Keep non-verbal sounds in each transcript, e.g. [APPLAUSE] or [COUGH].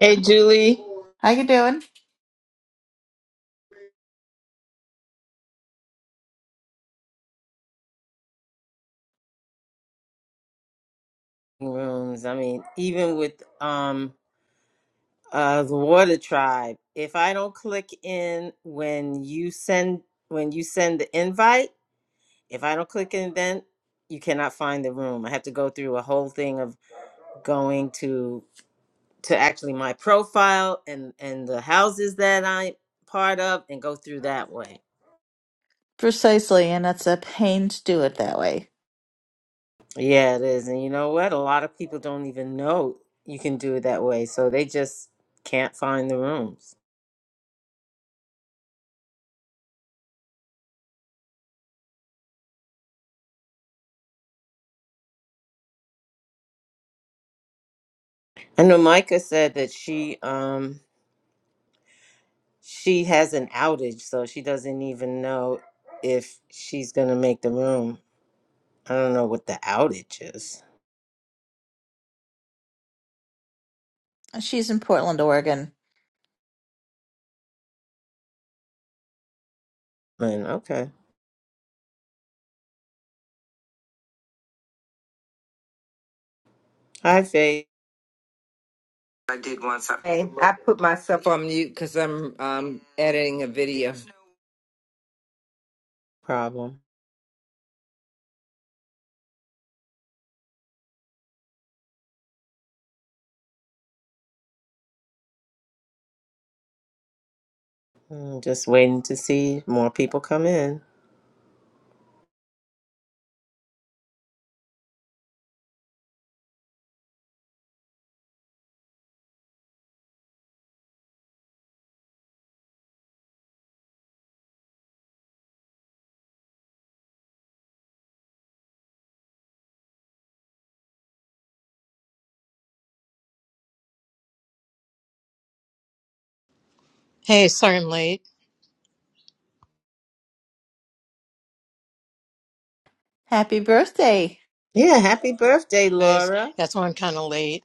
Hey, Julie. How you doing? Rooms. I mean, even with um uh the Water Tribe, if I don't click in when you send when you send the invite, if I don't click in, then you cannot find the room. I have to go through a whole thing of going to to actually my profile and and the houses that I'm part of, and go through that way. Precisely, and it's a pain to do it that way. Yeah, it is. And you know what? A lot of people don't even know you can do it that way, so they just can't find the rooms. I know Micah said that she um she has an outage, so she doesn't even know if she's gonna make the room. I don't know what the outage is. She's in Portland, Oregon. And okay, hi Faith. I did want Hey, something. Hey, I put myself on mute because I'm um, editing a video. Problem. Mm, just waiting to see more people come in. Hey, sorry I'm late, Happy birthday. Yeah, happy birthday, guys. Laura. That's why I'm kind of late.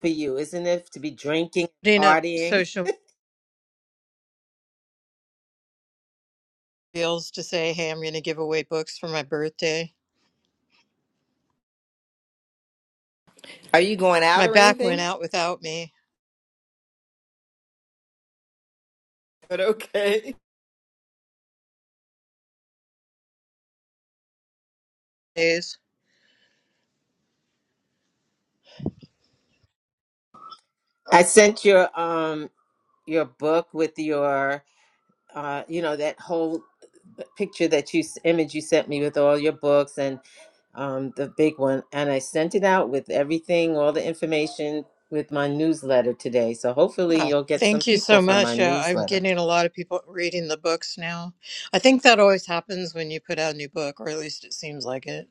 For you, isn't it? To be drinking, Putting up partying. social deals to say, hey, I'm going to give away books for my birthday. Are you going out My or back went anything? [LAUGHS] out without me. But okay. Days. [LAUGHS] I sent your um your book with your uh, you know that whole uh, picture that you image you sent me with all your books and um, the big one and i sent it out with everything all the information with my newsletter today so hopefully Ah, you'll get some thank you people so from my much. Uh, I'm newsletter getting a lot of people reading the books now. I think that always happens when you put out a new book, or at least it seems like it.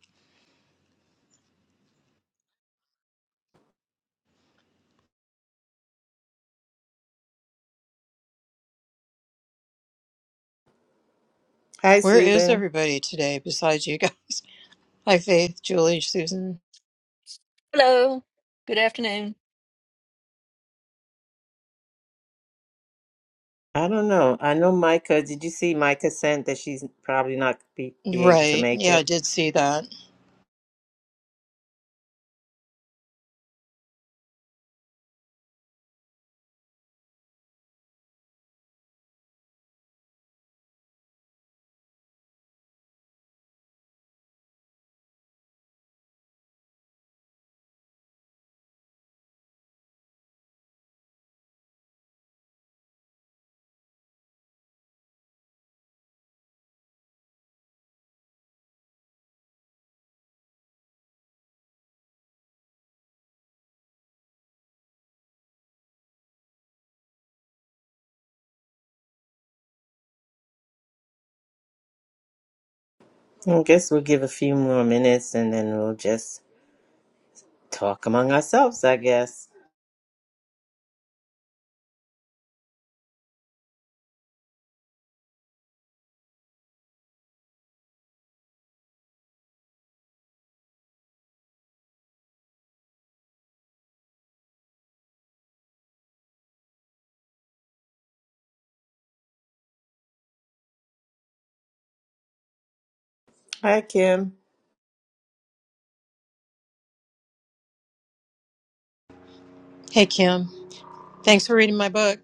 hi Where is susan everybody today besides you guys? [LAUGHS] Hi, Faith, Julie, Susan. Hello. Good afternoon. i don't know i know micah did you see micah sent that she's probably not be, be able to Right. make Yeah, I it did see that. i guess we'll give a few more minutes and then we'll just talk among ourselves i guess hi kim Hey, Kim. Thanks for reading my book.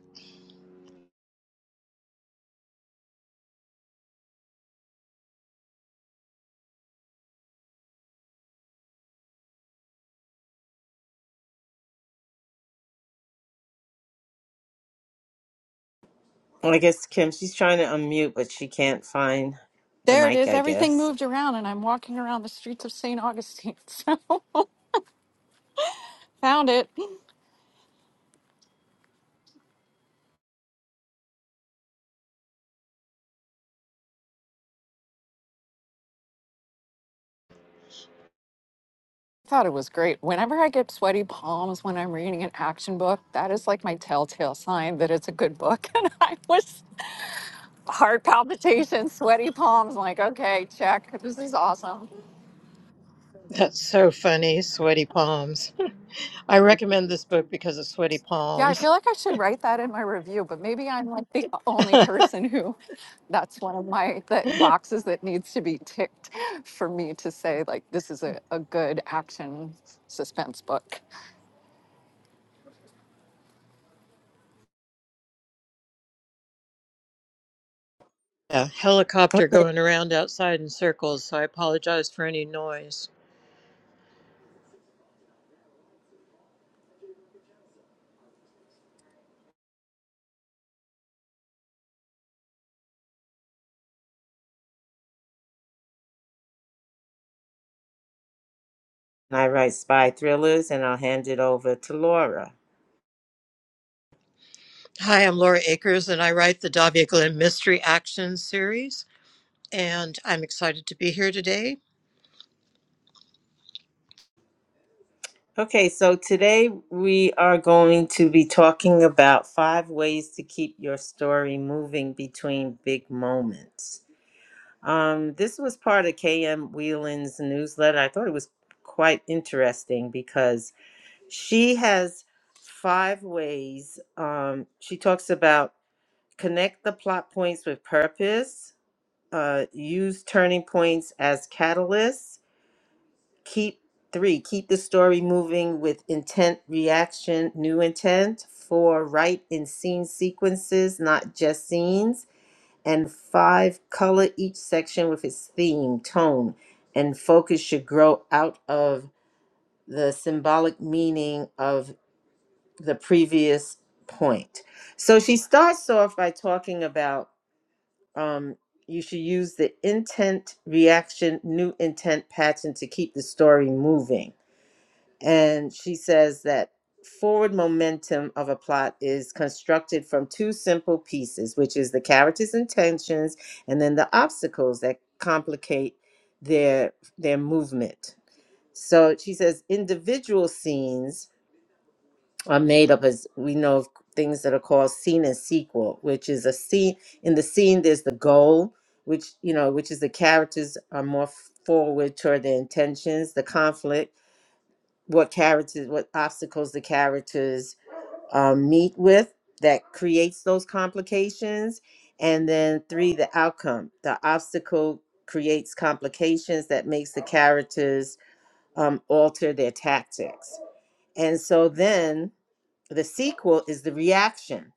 Well, I guess Kim, she's trying to unmute, but she can't find the There it mic, is. I Everything guess. moved around, and I'm walking around the streets of St. Augustine. [LAUGHS] So found it. Thought it was great. Whenever I get sweaty palms when I'm reading an action book, that is like my telltale sign that it's a good book. [LAUGHS] And I was heart palpitations, sweaty palms, like, okay, check. This is awesome. That's so funny. Sweaty palms. I recommend this book because of sweaty Yeah, I palms. feel like I should write that in my review, but maybe I'm like the [LAUGHS] [LAUGHS] only a person who that's one of my that boxes that needs to be ticked for me to say like this is a, a good action suspense book. helicopter Okay. going around outside in circles, so I apologize for any noise. And I write spy thrillers and I'll hand it over to Laura. Hi, I'm Laura Akers, and I write the Davia Glenn Mystery Action series. And I'm excited to be here today Okay, so today we are going to be talking about five ways to keep your story moving between big moments. Um, this was part of KM Whelan's newsletter. I thought it was quite interesting because she has five ways. Um, she talks about connect the plot points with purpose uh, use turning points as catalysts keep three keep the story moving with intent reaction new intent four write in scene sequences not just scenes and five color each section with its theme tone and focus should grow out of the symbolic meaning of the previous point so she starts off by talking about um, you should use the intent reaction new intent pattern to keep the story moving and she says that forward momentum of a plot is constructed from two simple pieces which is the characters intentions and then the obstacles that complicate their their movement so she says individual scenes are made up as we know of things that are called scene and sequel, which is a scene in the scene there's the goal, which you know, which is the characters are more forward toward their intentions, the conflict, what characters what obstacles the characters um, meet with that creates those complications. And then three, the outcome. The obstacle creates complications that makes the characters um, alter their tactics. And so then the sequel is the reaction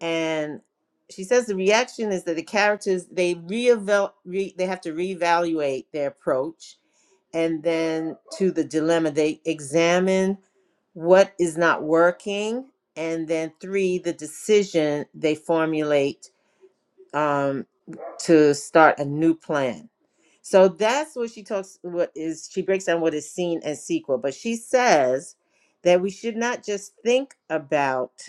and she says the reaction is that the characters they reeval re, they have to reevaluate their approach and then to the dilemma they examine what is not working and then three the decision they formulate um, to start a new plan so that's what she talks what is she breaks down what is seen as sequel but she says that we should not just think about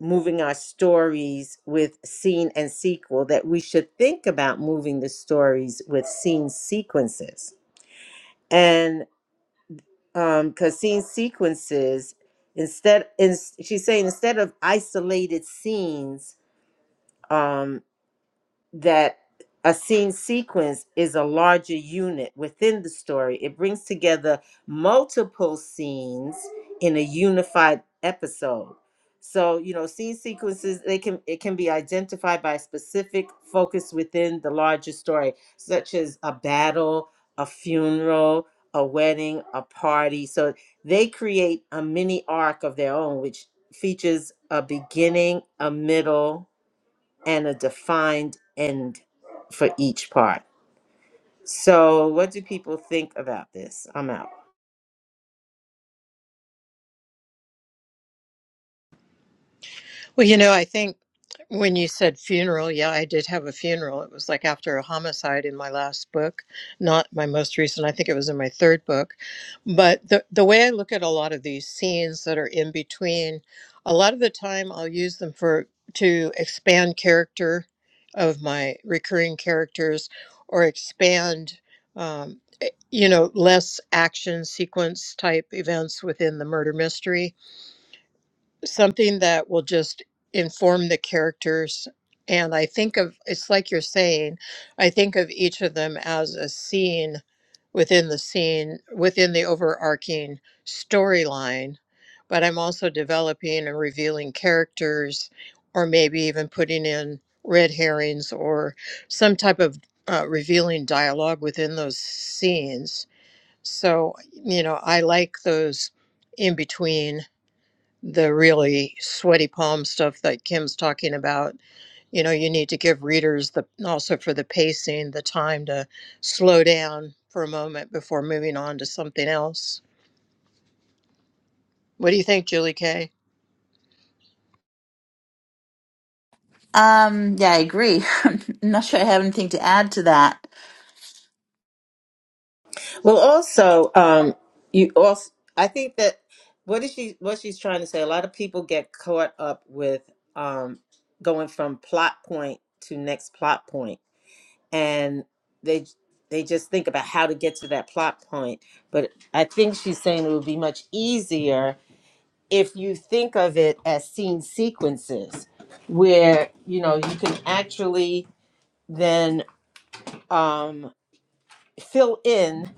moving our stories with scene and sequel that we should think about moving the stories with scene sequences and um because scene sequences instead in, she's saying instead of isolated scenes um, that a scene sequence is a larger unit within the story. It brings together multiple scenes in a unified episode. So, you know, scene sequences they can it can be identified by specific focus within the larger story, such as a battle, a funeral, a wedding, a party. So they create a mini arc of their own, which features a beginning, a middle, and a defined end for each part. So, what do people think about this? I'm out. Well, you know, I think when you said funeral, yeah, I did have a funeral. It was like after a homicide in my last book, not my most recent. I think it was in my third book. But the, the way I look at a lot of these scenes that are in between, a lot of the time I'll use them for to expand character of my recurring characters or expand, um, eh, you know, less action sequence type events within the murder mystery something that will just inform the characters. And I think of it's like you're saying, I think of each of them as a scene within the scene, within the overarching storyline. But I'm also developing and revealing characters, or maybe even putting in red herrings or some type of uh, revealing dialogue within those scenes. So, you know, I like those in between the really sweaty palm stuff that Kim's talking about. You know, you need to give readers the also for the pacing, the time to slow down for a moment before moving on to something else. What do you think, Julie Kay? Um, yeah, I agree. [LAUGHS] I'm not sure I have anything to add to that. Well, also, um, you also, I think that what is she what she's trying to say? A lot of people get caught up with um, going from plot point to next plot point, and they they just think about how to get to that plot point. But I think she's saying it would be much easier if you think of it as scene sequences where you know you can actually then um, fill in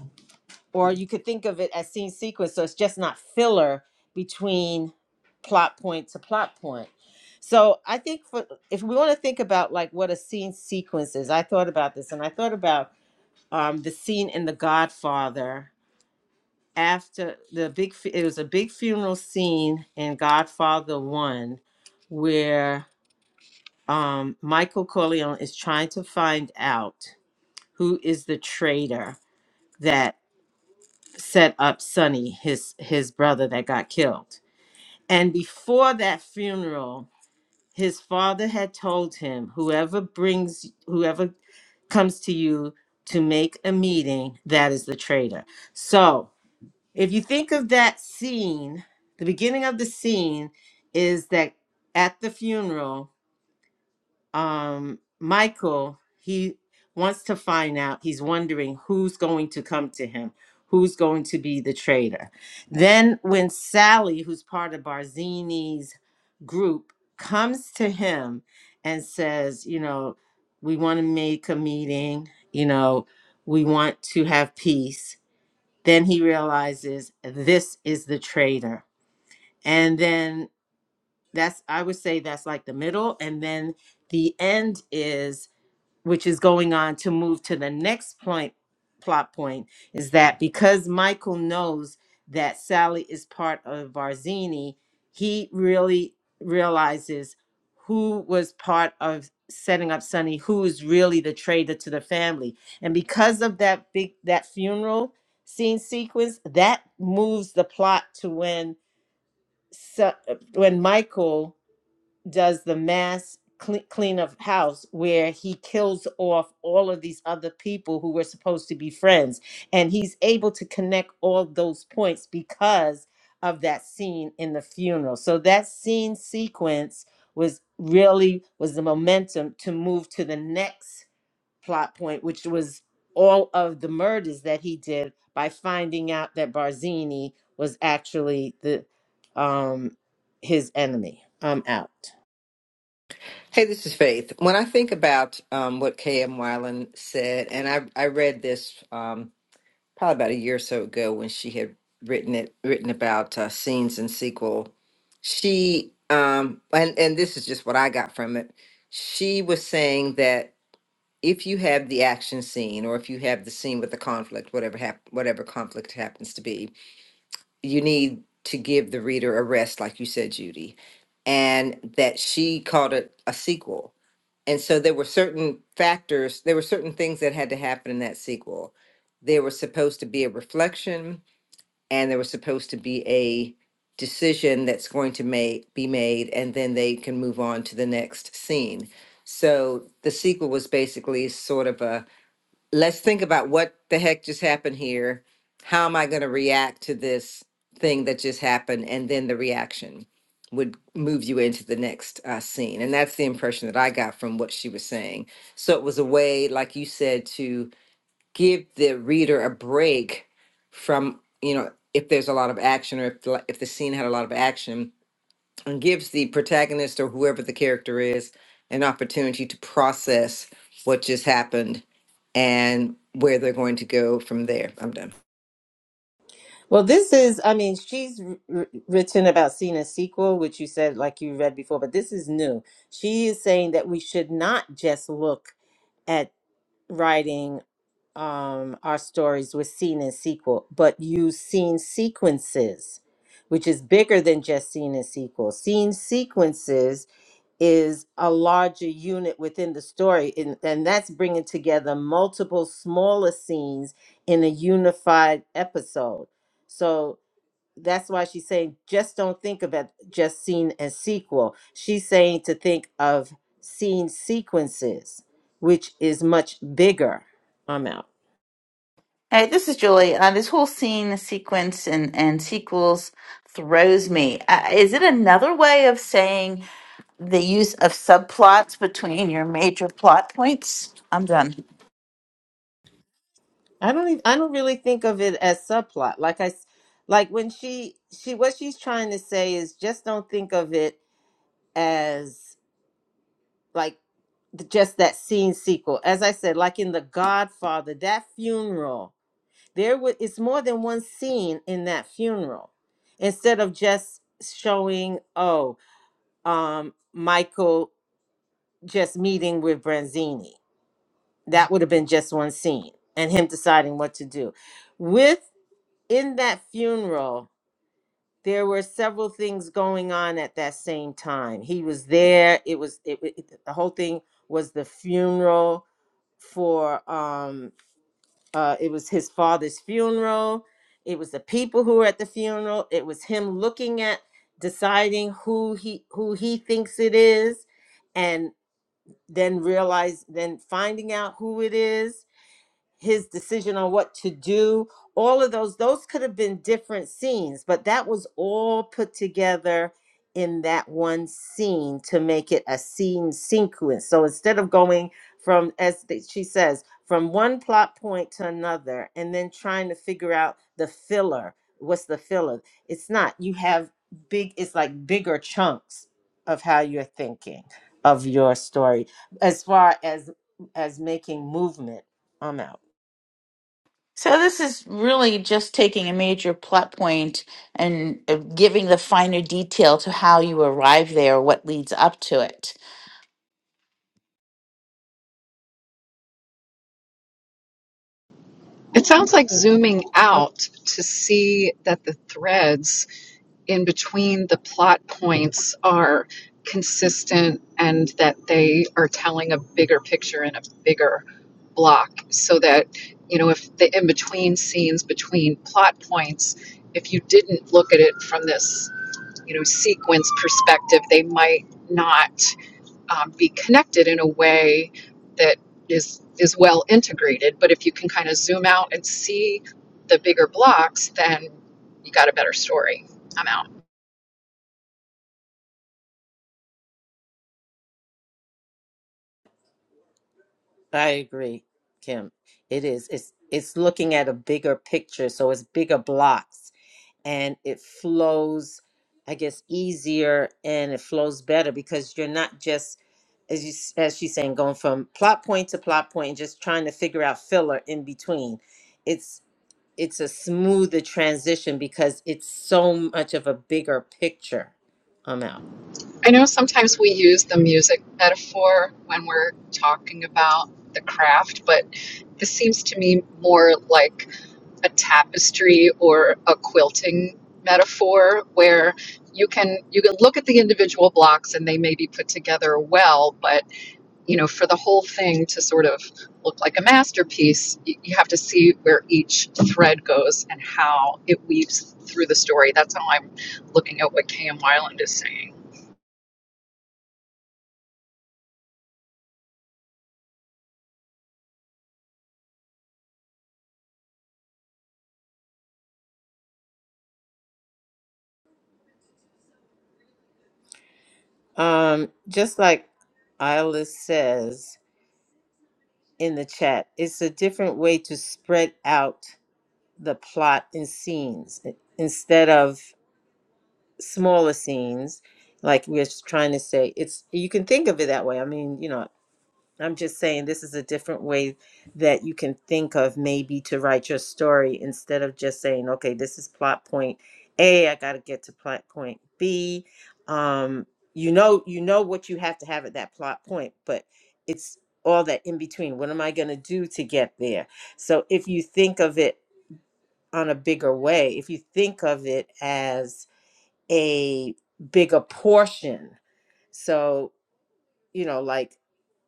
or you could think of it as scene sequence so it's just not filler between plot point to plot point so i think for if we want to think about like what a scene sequence is i thought about this and i thought about um, the scene in the godfather after the big fu- it was a big funeral scene in Godfather 1 where um Michael Corleone is trying to find out who is the traitor that set up Sonny his his brother that got killed and before that funeral his father had told him whoever brings whoever comes to you to make a meeting that is the traitor so If you think of that scene, the beginning of the scene is that at the funeral, um, Michael, he wants to find out, he's wondering who's going to come to him, who's going to be the traitor. Then when Sally, who's part of Barzini's group, comes to him and says, you know, we want to make a meeting, you know, we want to have peace then he realizes this is the traitor. And then that's, I would say that's like the middle. And then the end is which is going on to move to the next point plot point is that because Michael knows that Sally is part of Varzini, he really realizes who was part of setting up Sonny, who is really the traitor to the family. And because of that big that funeral scene sequence, that moves the plot to when so, when Michael does the mass cle- clean of house where he kills off all of these other people who were supposed to be friends and he's able to connect all those points because of that scene in the funeral so that scene sequence was really was the momentum to move to the next plot point which was all of the murders that he did by finding out that barzini was actually the um his enemy i'm out Hey, this is Faith. When I think about um, what K.M. Weiland said, and I, I read this um, probably about a year or so ago when she had written it, written about uh, scenes and sequel. She um, and and this is just what I got from it. She was saying that. if you have the action scene or if you have the scene with the conflict whatever hap- whatever conflict happens to be you need to give the reader a rest like you said judy and that she called it a sequel and so there were certain factors there were certain things that had to happen in that sequel there was supposed to be a reflection and there was supposed to be a decision that's going to make be made and then they can move on to the next scene so the sequel was basically sort of a let's think about what the heck just happened here. How am I going to react to this thing that just happened? And then the reaction would move you into the next uh, scene. And that's the impression that I got from what she was saying. So it was a way, like you said, to give the reader a break from, you know, if there's a lot of action or if the, if the scene had a lot of action and gives the protagonist or whoever the character is an opportunity to process what just happened and where they're going to go from there. I'm done. Well, this is, I mean, she's r- r- written about seeing a sequel, which you said, like you read before, but this is new. She is saying that we should not just look at writing um, our stories with scene and sequel, but use scene sequences, which is bigger than just scene and sequel. Scene sequences is a larger unit within the story, and, and that's bringing together multiple smaller scenes in a unified episode. So, that's why she's saying just don't think of it just scene as sequel. She's saying to think of scene sequences, which is much bigger. I'm out. Hey, this is Julie. Uh, this whole scene sequence and, and sequels throws me. Uh, is it another way of saying the use of subplots between your major plot points? I'm done. I don't even, I don't really think of it as subplot. Like I s- like when she she what she's trying to say is just don't think of it as like th- just that scene sequel. As I said, like in The Godfather, that funeral There was it's more than one scene in that funeral. Instead of just showing, oh, um, Michael just meeting with Branzini. That would have been just one scene and him deciding what to do. With in that funeral, there were several things going on at that same time. He was there. It was it, it- the whole thing was the funeral for um uh, it was his father's funeral it was the people who were at the funeral it was him looking at deciding who he who he thinks it is and then realize then finding out who it is his decision on what to do all of those those could have been different scenes but that was all put together in that one scene to make it a scene sequence so instead of going from as th- she says from one plot point to another and then trying to figure out the filler what's the filler it's not you have big it's like bigger chunks of how you're thinking of your story as far as as making movement i'm out So this is really just taking a major plot point and uh, giving the finer detail to how you arrive there, what leads up to it. It sounds like zooming Oh, out to see that the threads in between the plot points are consistent and that they are telling a bigger picture in a bigger block so that you know if the in between scenes between plot points if you didn't look at it from this you know sequence perspective they might not um, be connected in a way that is is well integrated. But if you can kind of zoom out and see the bigger blocks, then you got a better story. I'm out. I agree, Kim. It is. It's it's looking at a bigger picture, so it's bigger blocks, and it flows, I guess, easier and it flows better because you're not just as you s- as she's saying going from plot point to plot point and just trying to figure out filler in between. It's it's a smoother transition because it's so much of a bigger picture. I'm out. I know sometimes we use the music metaphor when we're talking about the craft, but this seems to me more like a tapestry or a quilting metaphor where you can you can look at the individual blocks and they may be put together well, but you know, for the whole thing to sort of look like a masterpiece, you have to see where each thread goes and how it weaves through the story. That's how I'm looking at what K.M. Wyland is saying. Um, just like Isla says. in the chat. It's a different way to spread out the plot and scenes I- instead of smaller scenes, like we're s- trying to say. It's you can think of it that way. I mean, you know, I'm just saying this is a different way that you can think of maybe to write your story instead of just saying, okay, this is plot point A, I got to get to plot point B. Um, you know, you know what you have to have at that plot point, but it's all that in between. What am I going to do to get there? So if you think of it on a bigger way, if you think of it as a bigger portion, so you know, like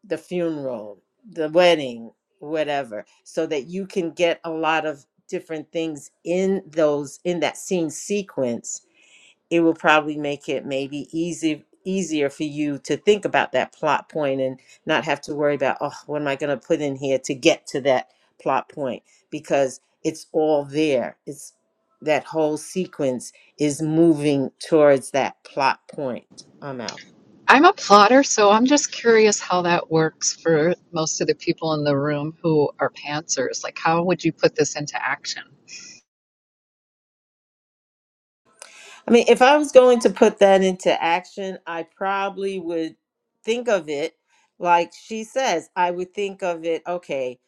the funeral, the wedding, whatever, so that you can get a lot of different things in those in that scene sequence. It will probably make it maybe easy easier for you to think about that plot point and not have to worry about oh what am I going to put in here to get to that plot point because it's all there. It's that whole sequence is moving towards that plot point. I'm out. I'm a plotter, so I'm just curious how that works for most of the people in the room who are pantsers. Like, how would you put this into action? I mean, if I was going to put that into action, I probably would think of it like she says. I would think of it, okay,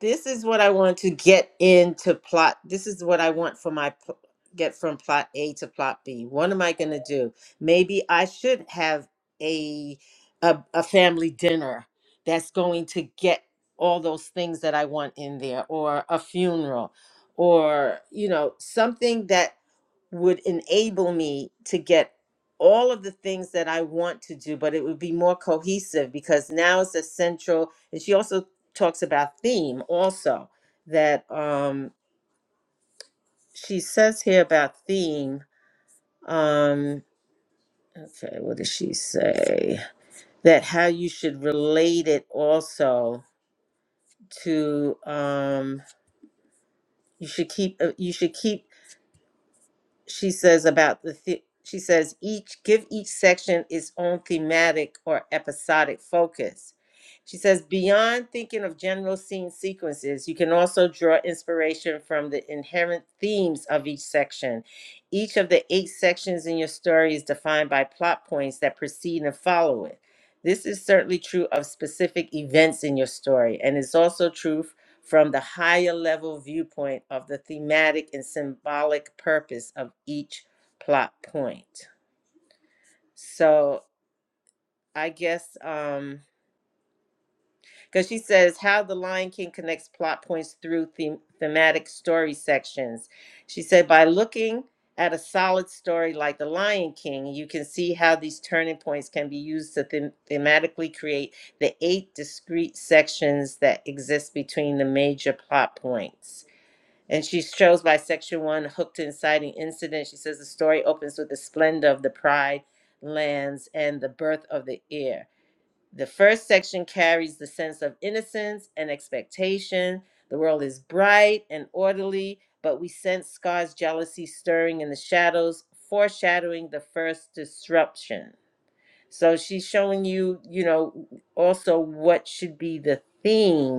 this is what I want to get into plot. This is what I want for my pl- get from plot A to plot B. What am I going to do? Maybe I should have a, a a family dinner that's going to get all those things that I want in there or a funeral or you know something that would enable me to get all of the things that I want to do, but it would be more cohesive because now it's a central. And she also talks about theme, also, that um, she says here about theme. Um, okay, what does she say? That how you should relate it also to um, you should keep uh, you should keep she says about the, the she says each give each section its own thematic or episodic focus she says beyond thinking of general scene sequences you can also draw inspiration from the inherent themes of each section each of the eight sections in your story is defined by plot points that precede and follow it this is certainly true of specific events in your story and it's also true from the higher level viewpoint of the thematic and symbolic purpose of each plot point. So I guess um because she says how the Lion King connects plot points through them- thematic story sections. She said by looking at a solid story like The Lion King, you can see how these turning points can be used to them- thematically create the eight discrete sections that exist between the major plot points. And she shows by section one, hooked to inciting incident. She says the story opens with the splendor of the pride lands and the birth of the heir. The first section carries the sense of innocence and expectation. The world is bright and orderly, but we sense Scar's jealousy stirring in the shadows, foreshadowing the first disruption. So she's showing you, you know, also what should be the theme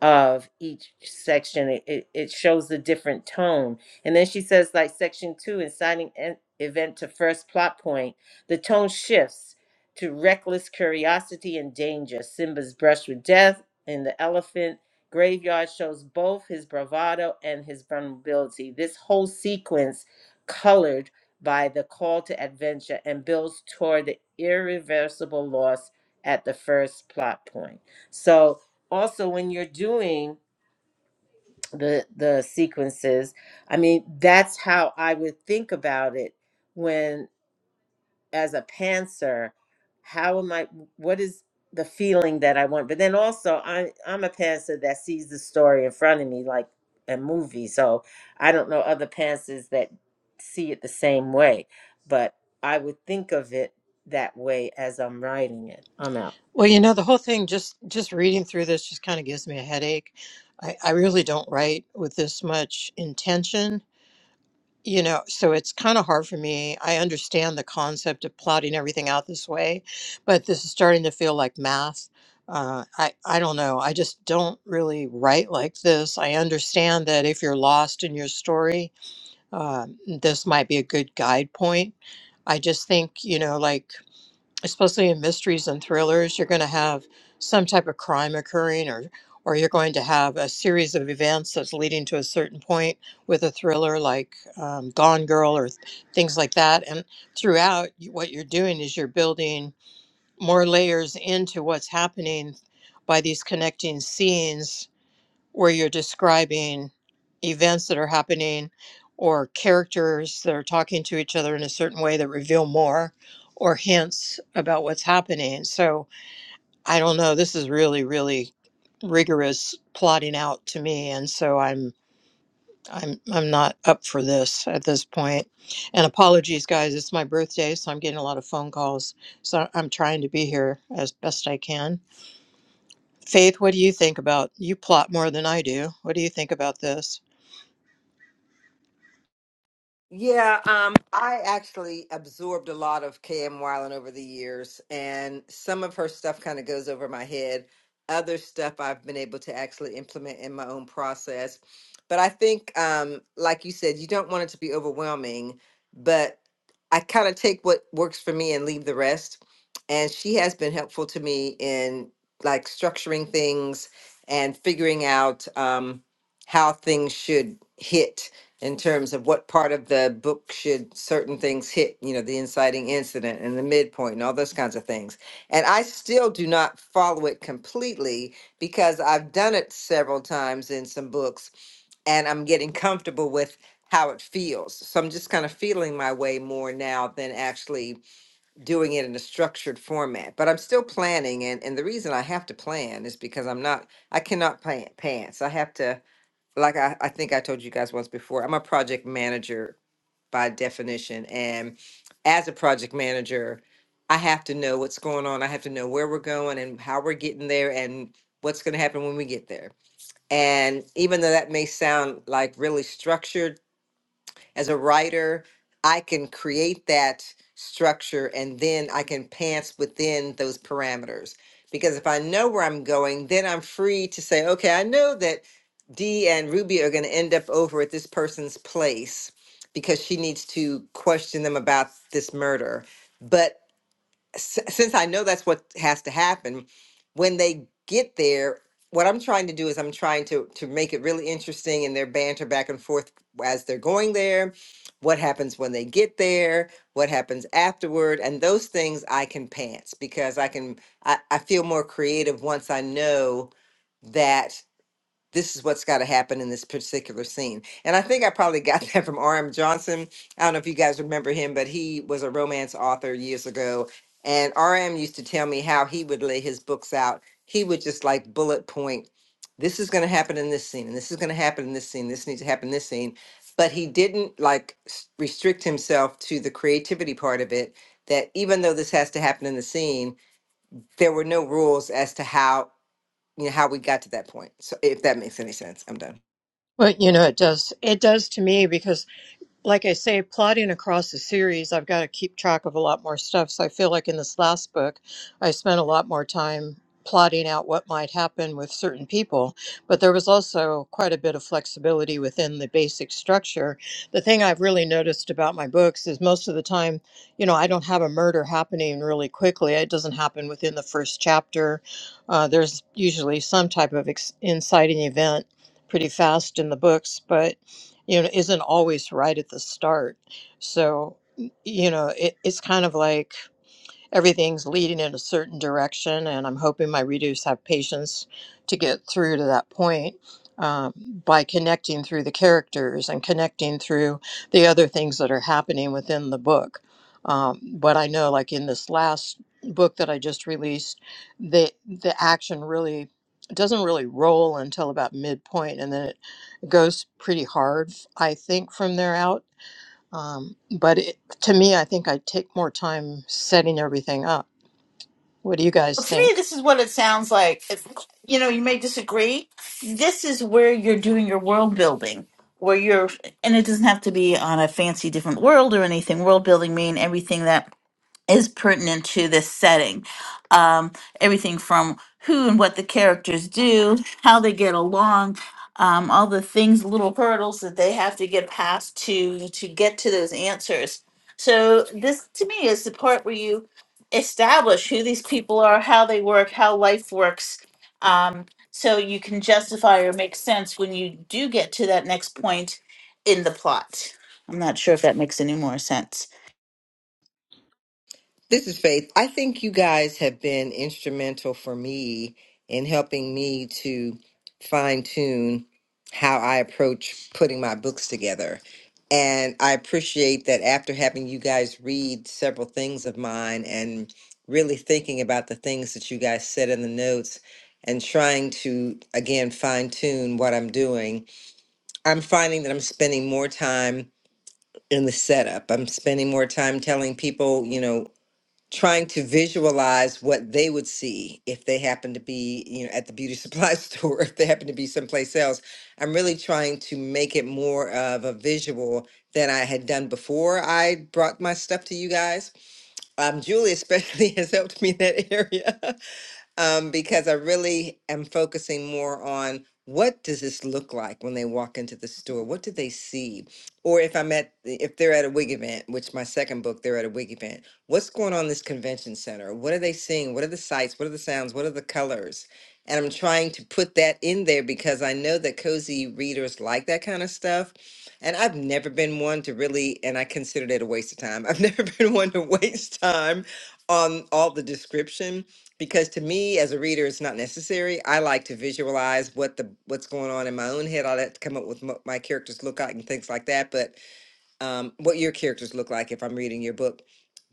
of each section. It, it, it shows the different tone. And then she says, like section two, inciting en- event to first plot point, the tone shifts to reckless curiosity and danger. Simba's brush with death in the elephant graveyard shows both his bravado and his vulnerability. This whole sequence colored by the call to adventure and builds toward the irreversible loss at the first plot point. So also when you're doing the the sequences i mean that's how i would think about it when as a pantser how am i what is the feeling that i want but then also i i'm a pantser that sees the story in front of me like a movie so i don't know other pantsers that see it the same way but i would think of it that way as i'm writing it i'm out Well, you know, the whole thing just just reading through this just kind of gives me a headache. I, I really don't write with this much intention You know, so it's kind of hard for me. I understand the concept of plotting everything out this way, but this is starting to feel like math. Uh, I, I don't know. I just don't really write like this. I understand that if you're lost in your story, um, this might be a good guide point. I just think, you know, like, especially in mysteries and thrillers, you're going to have some type of crime occurring or or you're going to have a series of events that's leading to a certain point with a thriller like um, Gone Girl or th- things like that. And throughout, you- what you're doing is you're building more layers into what's happening by these connecting scenes where you're describing events that are happening or characters that are talking to each other in a certain way that reveal more or hints about what's happening. So I don't know. This is really, really rigorous plotting out to me. And so I'm I'm I'm not up for this at this point. And apologies guys, it's my birthday, so I'm getting a lot of phone calls. So I'm trying to be here as best I can. Faith, what do you think about you plot more than I do. What do you think about this? Yeah, um, I actually absorbed a lot of KM Wyland over the years, and some of her stuff kind of goes over my head. Other stuff I've been able to actually implement in my own process. But I think, um, like you said, you don't want it to be overwhelming, but I kind of take what works for me and leave the rest. And she has been helpful to me in like structuring things and figuring out um, how things should hit in terms of what part of the book should certain things hit, you know, the inciting incident and the midpoint and all those kinds of things. And I still do not follow it completely because I've done it several times in some books and I'm getting comfortable with how it feels. So I'm just kind of feeling my way more now than actually doing it in a structured format. But I'm still planning and and the reason I have to plan is because I'm not I cannot plan pants. I have to like I, I think I told you guys once before, I'm a project manager by definition. And as a project manager, I have to know what's going on. I have to know where we're going and how we're getting there and what's going to happen when we get there. And even though that may sound like really structured, as a writer, I can create that structure and then I can pants within those parameters. Because if I know where I'm going, then I'm free to say, okay, I know that Dee and Ruby are going to end up over at this person's place because she needs to question them about this murder. But s- since I know that's what has to happen, when they get there, what I'm trying to do is I'm trying to to make it really interesting in their banter back and forth as they're going there. What happens when they get there? What happens afterward? And those things I can pants because I can I, I feel more creative once I know that this is what's got to happen in this particular scene. And I think I probably got [LAUGHS] that from R.M. Johnson. I don't know if you guys remember him, but he was a romance author years ago. And R.M. used to tell me how he would lay his books out. He would just like bullet point this is going to happen in this scene, and this is going to happen in this scene, this needs to happen in this scene. But he didn't like s- restrict himself to the creativity part of it, that even though this has to happen in the scene, there were no rules as to how you know how we got to that point so if that makes any sense i'm done But you know, it does. It does to me because like I say, plotting across the series, I've got to keep track of a lot more stuff. So I feel like in this last book, I spent a lot more time plotting out what might happen with certain people. But there was also quite a bit of flexibility within the basic structure. The thing I've really noticed about my books is most of the time, you know, I don't have a murder happening really quickly, it doesn't happen within the first chapter. Uh, there's usually some type of ex- inciting event pretty fast in the books, but you know isn't always right at the start so you know it, it's kind of like everything's leading in a certain direction, and I'm hoping my readers have patience to get through to that point um, by connecting through the characters and connecting through the other things that are happening within the book. Um, but I know, like in this last book that I just released, the the action really doesn't really roll until about midpoint, and then it goes pretty hard, I think, from there out um, but it, to me, I think I'd take more time setting everything up. What do you guys Well, to me, think? this is what it sounds like. If- You know, you may disagree. This is where you're doing your world building, where you're, and it doesn't have to be on a fancy different world or anything. World building mean everything that is pertinent to this setting. Um, everything from who and what the characters do, how they get along, um, all the things, little hurdles that they have to get past to to get to those answers. So this, to me, is the part where you establish who these people are, how they work, how life works. Um, so you can justify or make sense when you do get to that next point in the plot. I'm not sure if that makes any more sense. this is faith i think you guys have been instrumental for me in helping me to fine tune how i approach putting my books together and i appreciate that after having you guys read several things of mine and really thinking about the things that you guys said in the notes and trying to again fine tune what i'm doing i'm finding that i'm spending more time in the setup. I'm spending more time telling people, you know, trying to visualize what they would see if they happen to be, you know, at the beauty supply [LAUGHS] store, if they happen to be someplace else. I'm really trying to make it more of a visual than I had done before I brought my stuff to you guys. Um, Julie especially [LAUGHS] has helped me in that area. [LAUGHS] um, because I really am focusing more on what does this look like when they walk into the store? What do they see? Or if I'm at, if they're at a wig event, which my second book, they're at a wig event. What's going on in this convention center? What are they seeing? What are the sights? What are the sounds? What are the colors? And I'm trying to put that in there because I know that cozy readers like that kind of stuff. And I've never been one to really, and I considered it a waste of time. I've never [LAUGHS] been one to waste time on all the description because to me as a reader it's not necessary i like to visualize what the what's going on in my own head i like to come up with what my characters look like and things like that but um, what your characters look like if i'm reading your book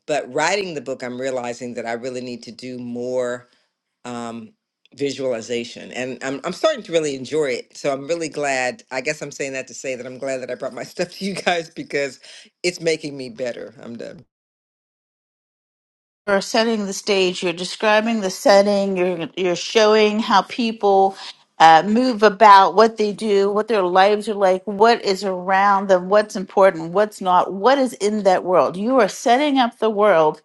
but writing the book i'm realizing that i really need to do more um, visualization and I'm, I'm starting to really enjoy it so i'm really glad i guess i'm saying that to say that i'm glad that i brought my [LAUGHS] stuff to you guys because it's making me better i'm done you're setting the stage, you're describing the setting, you're you're showing how people uh, move about, what they do, what their lives are like, what is around them, what's important, what's not, what is in that world. You are setting up the world,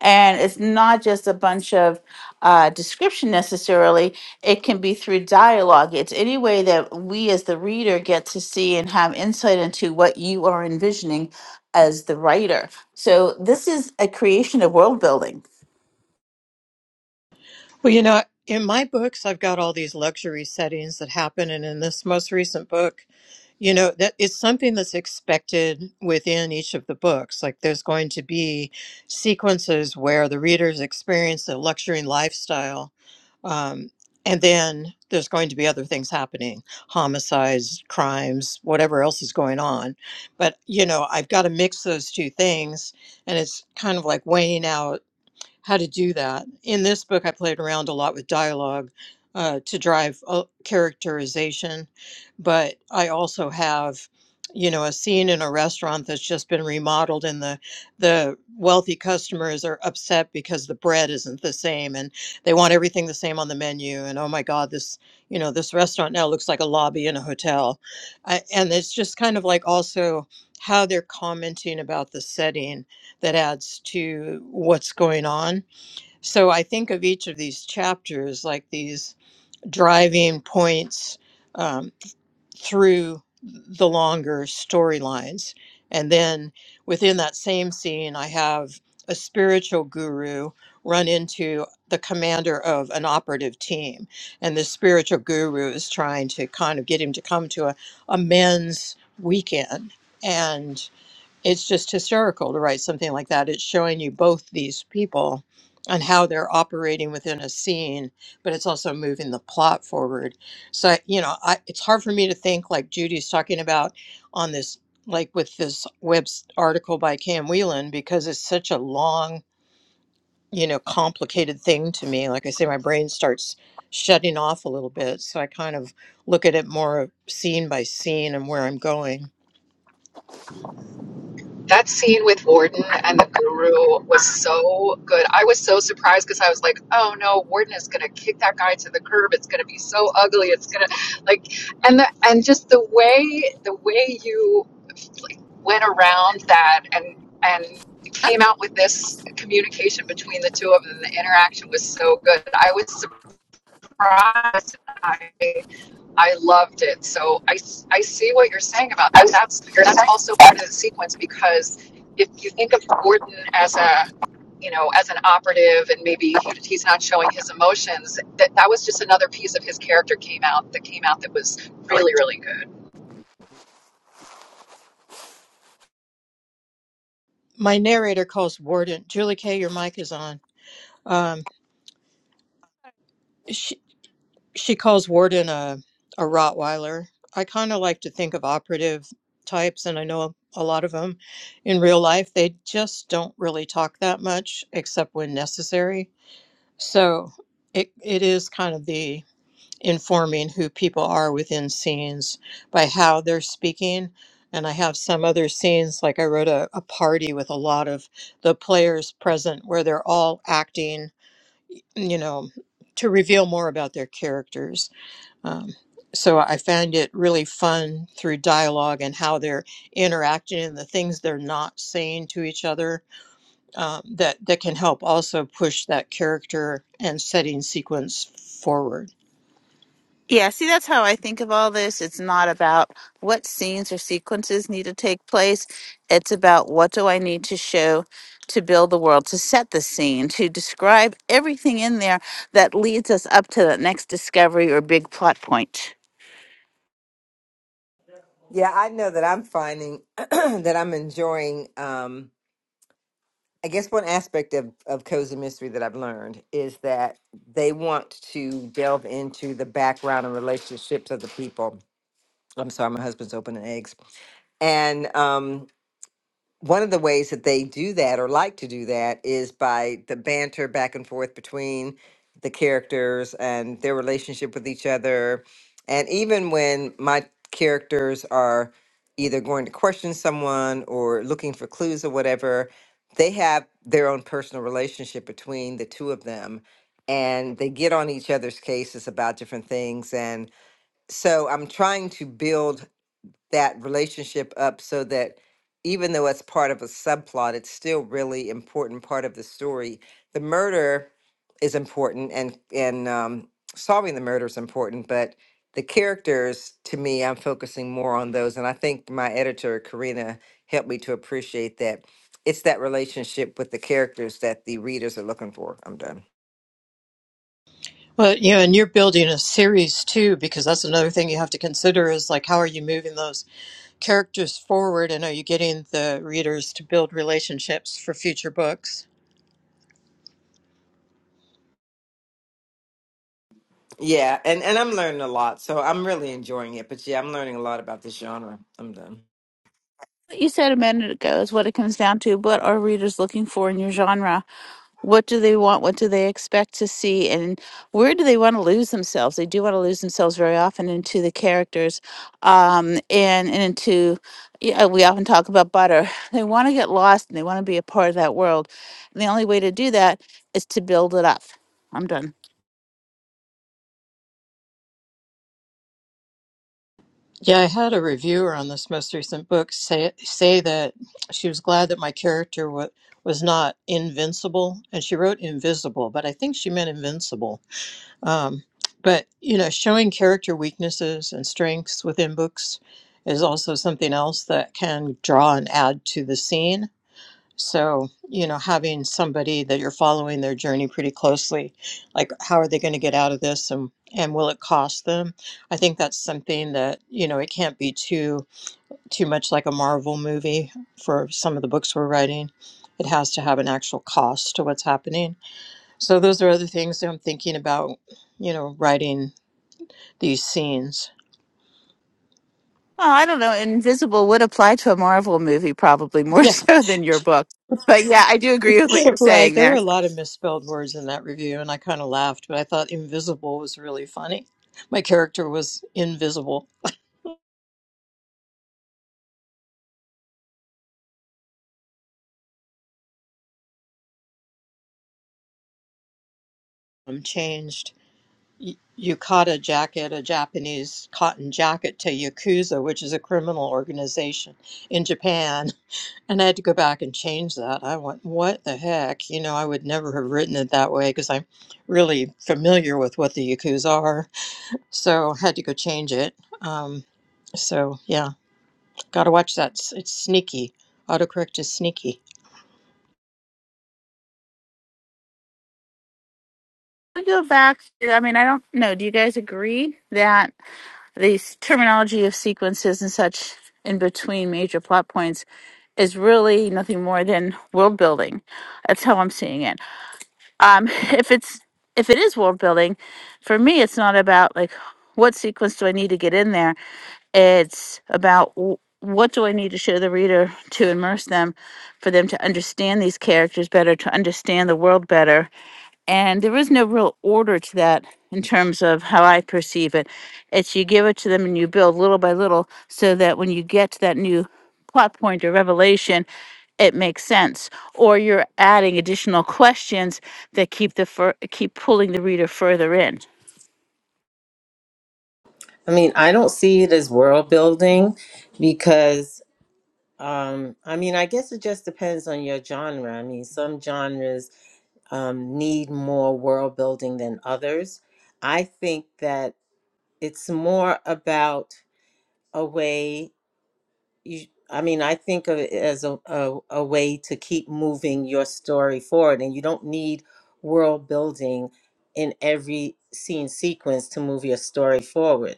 and it's not just a bunch of uh, description necessarily. It can be through dialogue. It's any way that we as the reader get to see and have insight into what you are envisioning as the writer. So this is a creation of world building Well, you know, in my books, I've got all these luxury settings that happen. And in this most recent book, you know, that it's something that's expected within each of the books. Like there's going to be sequences where the readers experience a luxury lifestyle Um, and then there's going to be other things happening homicides, crimes, whatever else is going on. But, you know, I've got to mix those two things. And it's kind of like weighing out how to do that. In this book, I played around a lot with dialogue uh, to drive uh, characterization, but I also have, you know, a scene in a restaurant that's just been remodeled, and the the wealthy customers are upset because the bread isn't the same, and they want everything the same on the menu. And oh my God, this you know this restaurant now looks like a lobby in a hotel, I, and it's just kind of like also how they're commenting about the setting that adds to what's going on. So I think of each of these chapters like these driving points um, through the longer storylines. And then within that same scene, I have a spiritual guru run into the commander of an operative team. And the spiritual guru is trying to kind of get him to come to a, a men's weekend. and it's just hysterical to write something like that. It's showing you both these people and how they're operating within a scene, but it's also moving the plot forward. So, you know, I, it's hard for me to think like Judy's talking about on this, like with this web s- article by Cam Whelan, because it's such a long, you know, complicated thing to me. Like I say, my brain starts shutting off a little bit. So I kind of look at it more scene by scene and where I'm going. That scene with Warden and the guru was so good. I was so surprised because I was like, oh no, Warden is going to kick that guy to the curb. It's going to be so ugly. It's going to like, and the, and just the way, the way you like, went around that and, and came out with this communication between the two of them, the interaction was so good. I was surprised. I I loved it. So I, I see what you're saying about that. That's that's also part of the sequence because if you think of Gordon as a you know as an operative and maybe he, he's not showing his emotions, that that was just another piece of his character came out that came out that was really really good. My narrator calls Warden Julie Kay. Your mic is on. Um, she she calls Warden a a Rottweiler. I kind of like to think of operative types, and I know a lot of them in real life. They just don't really talk that much, except when necessary. So it it is kind of the informing who people are within scenes by how they're speaking. And I have some other scenes, like I wrote a, a party with a lot of the players present where they're all acting, you know, to reveal more about their characters. Um, so I find it really fun through dialogue and how they're interacting and the things they're not saying to each other um, that, that can help also push that character and setting sequence forward. Yeah, see, that's how I think of all this. It's not about what scenes or sequences need to take place. It's about what do I need to show to build the world, to set the scene, to describe everything in there that leads us up to that next discovery or big plot point. yeah i know that i'm finding [CLEARS THROAT] that i'm enjoying um, I guess one aspect of, of Cozy Mystery that I've learned is that they want to delve into the background and relationships of the people. I'm sorry, my husband's opening eggs. And um, one of the ways that they do that or like to do that is by the banter back and forth between the characters and their relationship with each other. And even when my characters are either going to question someone or looking for clues or whatever, they have their own personal relationship between the two of them. And they get on each other's cases about different things. And so I'm trying to build that relationship up so that even though it's part of a subplot, it's still really important part of the story. The murder is important, and and um, solving the murder is important, but the characters, to me, I'm focusing more on those, and I think my editor Karina helped me to appreciate that. It's that relationship with the characters that the readers are looking for. I'm done. Well, you know, and you're building a series too, because that's another thing you have to consider is like, how are you moving those characters forward, and are you getting the readers to build relationships for future books? Yeah, and and I'm learning a lot, so I'm really enjoying it. But yeah, I'm learning a lot about this genre. I'm done. What you said a minute ago is what it comes down to. What are readers looking for in your genre? What do they want? What do they expect to see? And where do they want to lose themselves? They do want to lose themselves very often into the characters um, and, and into, yeah, we often talk about butter. [LAUGHS] They want to get lost and they want to be a part of that world. And the only way to do that is to build it up. I'm done. Yeah, I had a reviewer on this most recent book say say that she was glad that my character wa was not invincible, and she wrote invisible, but I think she meant invincible. Um, but you know, showing character weaknesses and strengths within books is also something else that can draw and add to the scene. So, you know, having somebody that you're following their journey pretty closely, like how are they going to get out of this and and will it cost them? I think that's something that, you know, it can't be too too much like a Marvel movie for some of the books we're writing. It has to have an actual cost to what's happening so those are other things that I'm thinking about, you know, writing these scenes. Well, I don't know. Invisible would apply to a Marvel movie probably more [LAUGHS] Yeah, so than your book. But yeah, I do agree with what you're [LAUGHS] right. saying There were there. a lot of misspelled words in that review, and I kind of laughed, but I thought invisible was really funny. My character was invisible. i changed. y- Yukata jacket, a Japanese cotton jacket, to Yakuza, which is a criminal organization in Japan. [LAUGHS] And I had to go back and change that. I went, what the heck? You know, I would never have written it that way because I'm really familiar with what the Yakuza are so I had to go change it. Um, so yeah, got to watch that. It's, it's sneaky. Autocorrect is sneaky. We go back. I mean, I don't know. Do you guys agree that? The terminology of sequences and such in between major plot points is really nothing more than world building. That's how I'm seeing it. Um, [LAUGHS] if it's if it is world building, for me, it's not about like what sequence do I need to get in there. It's about w- what do I need to show the reader to immerse them, for them to understand these characters better, to understand the world better, and there is no real order to that in terms of how I perceive it. It's you give it to them and you build little by little so that when you get to that new plot point or revelation, it makes sense. Or you're adding additional questions that keep the fur- keep pulling the reader further in. i mean i don't see it as world building because Um, I mean, I guess it just depends on your genre. I mean, some genres um, need more world building than others. I think that it's more about a way you, I mean, I think of it as a, a, a way to keep moving your story forward, and you don't need world building in every scene sequence to move your story forward.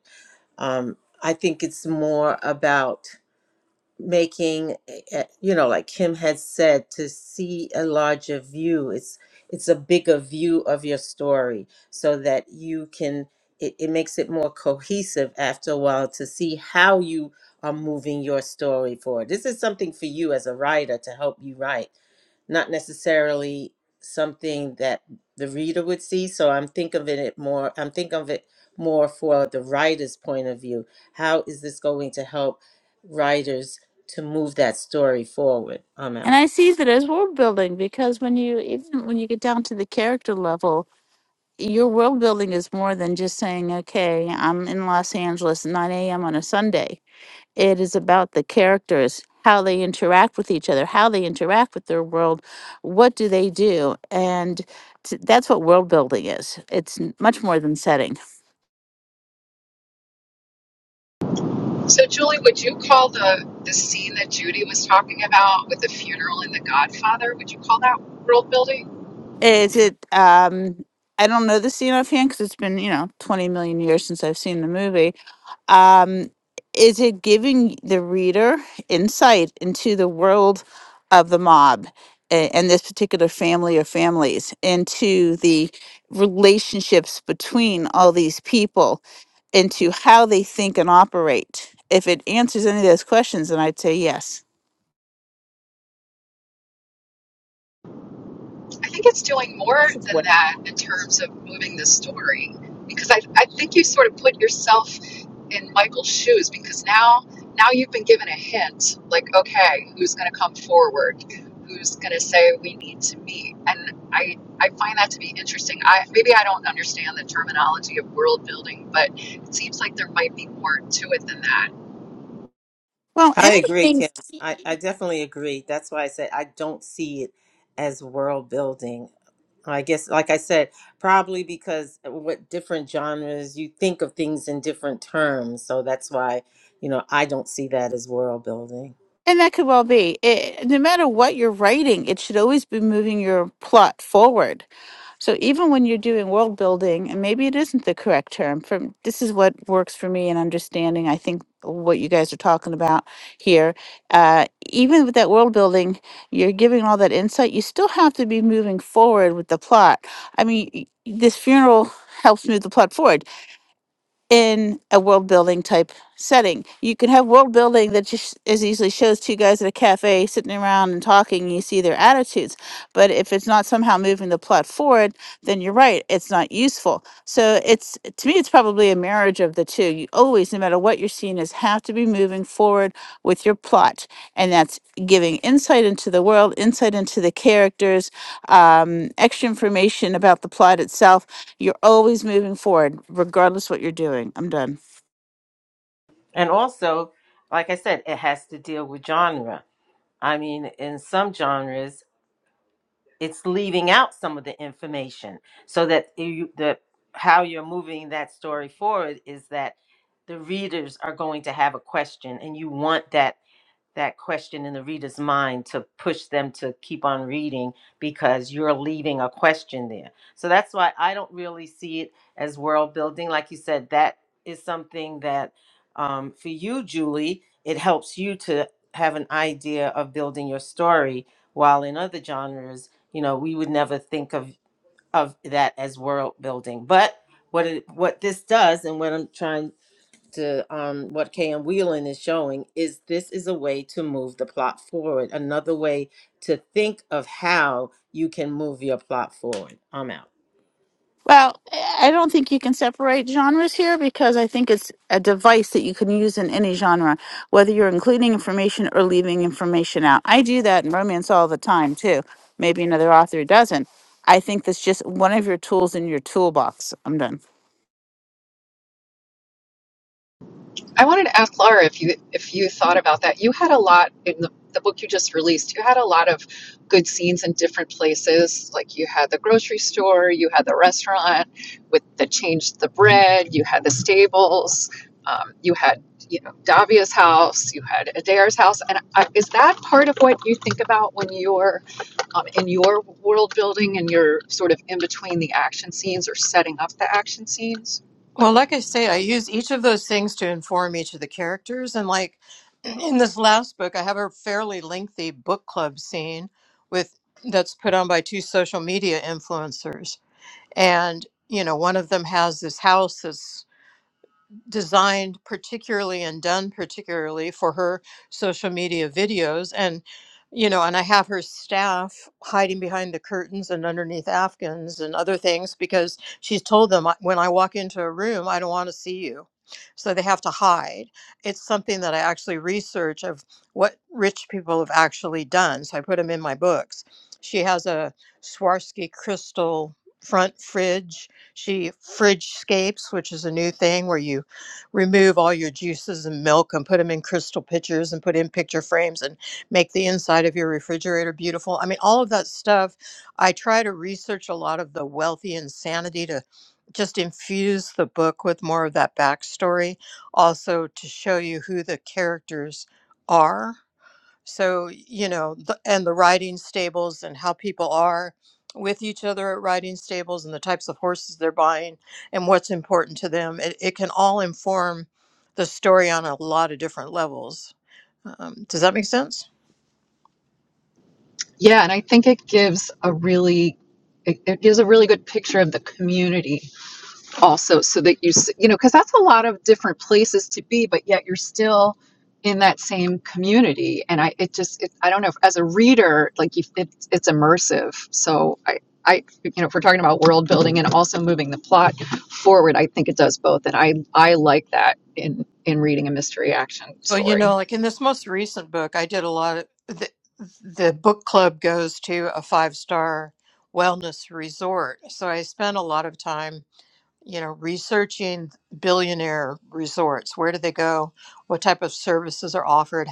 Um, I think it's more about making uh, you know like kim had said to see a larger view it's it's a bigger view of your story so that you can it, it makes it more cohesive after a while to see how you are moving your story forward this is something for you as a writer to help you write not necessarily something that the reader would see. So I'm think of it more. I'm think of it more for the writer's point of view. How is this going to help writers to move that story forward? I'm And out. I see that as world building because when you even when you get down to the character level, your world building is more than just saying, "Okay, I'm in Los Angeles at 9 a.m. on a Sunday." It is about the characters, how they interact with each other, how they interact with their world, what do they do, and t- that's what world building is. It's n- much more than setting. So Julie, would you call the the scene that Judy was talking about with the funeral in The Godfather? Would you call that world building? Is it? Um, I don't know the scene offhand because it's been you know twenty million years since I've seen the movie. um, is it giving the reader insight into the world of the mob a- and this particular family or families into the relationships between all these people into how they think and operate if it answers any of those questions then i'd say yes I think it's doing more This is than Wendy. that in terms of moving the story because I, I think you sort of put yourself in Michael's shoes because now now you've been given a hint like okay who's going to come forward who's going to say we need to meet and I I find that to be interesting I maybe I don't understand the terminology of world building but it seems like there might be more to it than that well I agree, anything Kim. I, I definitely agree. That's why I said I don't see it as world building. I guess, like I said, probably because what different genres you think of things in different terms. So that's why, you know, I don't see that as world building. and that could well be it, no matter what you're writing it should always be moving your plot forward So even when you're doing world building, and maybe it isn't the correct term, from this is what works for me in understanding. I think what you guys are talking about here, uh, even with that world building, you're giving all that insight. You still have to be moving forward with the plot. I mean, y- this funeral helps move the plot forward in a world building type setting. You can have world building that just as easily shows two guys at a cafe sitting around and talking, and you see their attitudes. But if it's not somehow moving the plot forward, then you're right, it's not useful. So it's to me, it's probably a marriage of the two. You always, no matter what you're seeing, is, have to be moving forward with your plot, and that's giving insight into the world, insight into the characters, um, extra information about the plot itself you're always moving forward, regardless what you're doing. I'm done. And also, like I said, it has to deal with genre. I mean, in some genres, it's leaving out some of the information so that you, the how you're moving that story forward is that the readers are going to have a question and you want that that question in the reader's mind to push them to keep on reading because you're leaving a question there. So that's why I don't really see it as world building. Like you said, that is something that um, for you, Julie, it helps you to have an idea of building your story. While in other genres, you know, we would never think of of that as world building. But what it, what this does, and what I'm trying to um, what KM Wheelan is showing is this is a way to move the plot forward. Another way to think of how you can move your plot forward. I'm out. Well, I don't think you can separate genres here because I think it's a device that you can use in any genre, whether you're including information or leaving information out. I do that in romance all the time, too. Maybe another author doesn't. I think that's just one of your tools in your toolbox. I'm done. I wanted to ask Laura if you if you thought about that. You had a lot in the, the book you just released. You had a lot of good scenes in different places. Like you had the grocery store, you had the restaurant with the change the bread, you had the stables, um, you had you know Davia's house, you had Adair's house. And I, is that part of what you think about when you're um, in your world building and you're sort of in between the action scenes or setting up the action scenes? Well, like I say, I use each of those things to inform each of the characters. And like [CLEARS THROAT] in this last book, I have a fairly lengthy book club scene with that's put on by two social media influencers. And, you know, one of them has this house that's designed particularly and done particularly for her social media videos and you know and i have her staff hiding behind the curtains and underneath afghans and other things because she's told them "I- when i walk into a room i don't want to see you so they have to hide it's something that i actually research of what rich people have actually done so i put them in my books she has a swarovski crystal front fridge she fridge scapes which is a new thing where you remove all your juices and milk and put them in crystal pitchers and put in picture frames and make the inside of your refrigerator beautiful. I mean, all of that stuff. I try to research a lot of the wealthy insanity to just infuse the book with more of that backstory, also to show you who the characters are so, you know, the, and the riding stables and how people are with each other at riding stables and the types of horses they're buying and what's important to them. It, it can all inform the story on a lot of different levels. Um, does that make sense? Yeah, and I think it gives a really it, it gives a really good picture of the community also so that you s- you know because that's a lot of different places to be but yet you're still in that same community and I it just it, I don't know if, as a reader like you, it, it's immersive so I I you know if we're talking about world building and also moving the plot forward I think it does both and I I like that in in reading a mystery action Well, you story. know, like in this most recent book, I did a lot of the, the book club goes to a five star wellness resort. So I spent a lot of time you know, researching billionaire resorts. Where do they go? What type of services are offered?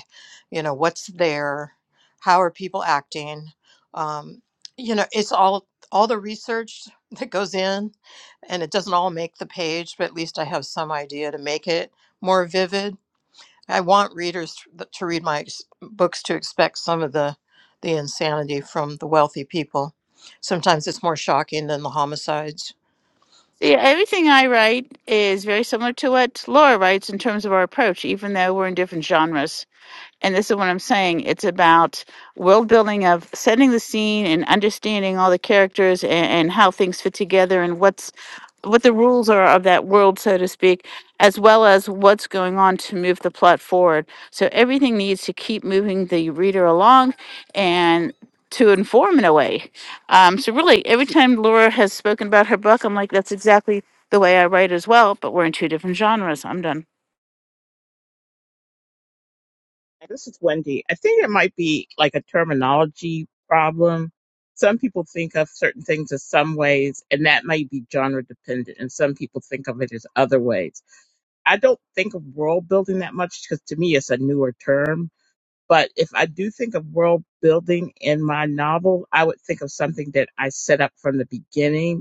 You know, what's there? How are people acting? Um, you know, it's all all the research [LAUGHS] that goes in, and it doesn't all make the page, but at least I have some idea to make it more vivid. I want readers to to read my ex- books to expect some of the the insanity from the wealthy people. Sometimes it's more shocking than the homicides See, everything I write is very similar to what Laura writes in terms of our approach, even though we're in different genres. and this is what I'm saying. It's about world building of setting the scene and understanding all the characters and, and how things fit together and what's what the rules are of that world, so to speak, as well as what's going on to move the plot forward. So everything needs to keep moving the reader along and to inform in a way. Um, so really, every time Laura has spoken about her book, I'm like, that's exactly the way I write as well. But we're in two different genres. I'm done. This is Wendy. I think it might be like a terminology problem. Some people think of certain things as some ways, and that may be genre dependent, and some people think of it as other ways. I don't think of world building that much because to me it's a newer term. But if I do think of world building in my novel, I would think of something that I set up from the beginning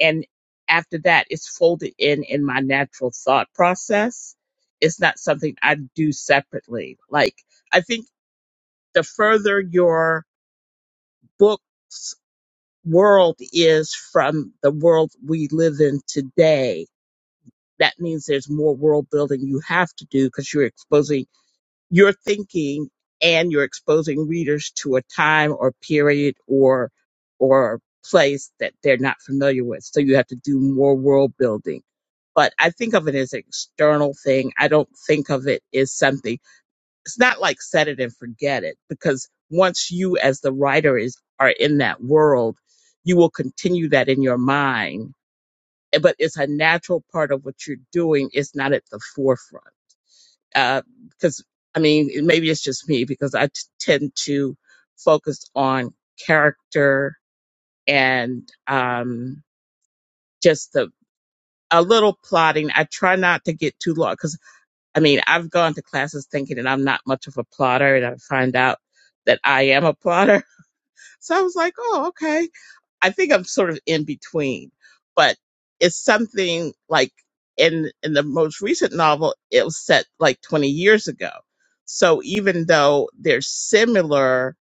and after that it's folded in in my natural thought process it's not something i do separately like i think the further your book's world is from the world we live in today that means there's more world building you have to do because you're exposing you're thinking and you're exposing readers to a time or period or or place that they're not familiar with so you have to do more world building but i think of it as an external thing i don't think of it as something it's not like set it and forget it because once you as the writer is are in that world you will continue that in your mind but it's a natural part of what you're doing it's not at the forefront uh, because I mean, maybe it's just me because I t- tend to focus on character and um, just the a little plotting. I try not to get too long because I mean, I've gone to classes thinking that I'm not much of a plotter, and I find out that I am a plotter. So I was like, oh, okay. I think I'm sort of in between, but it's something like in in the most recent novel, it was set like 20 years ago. So even though they're similar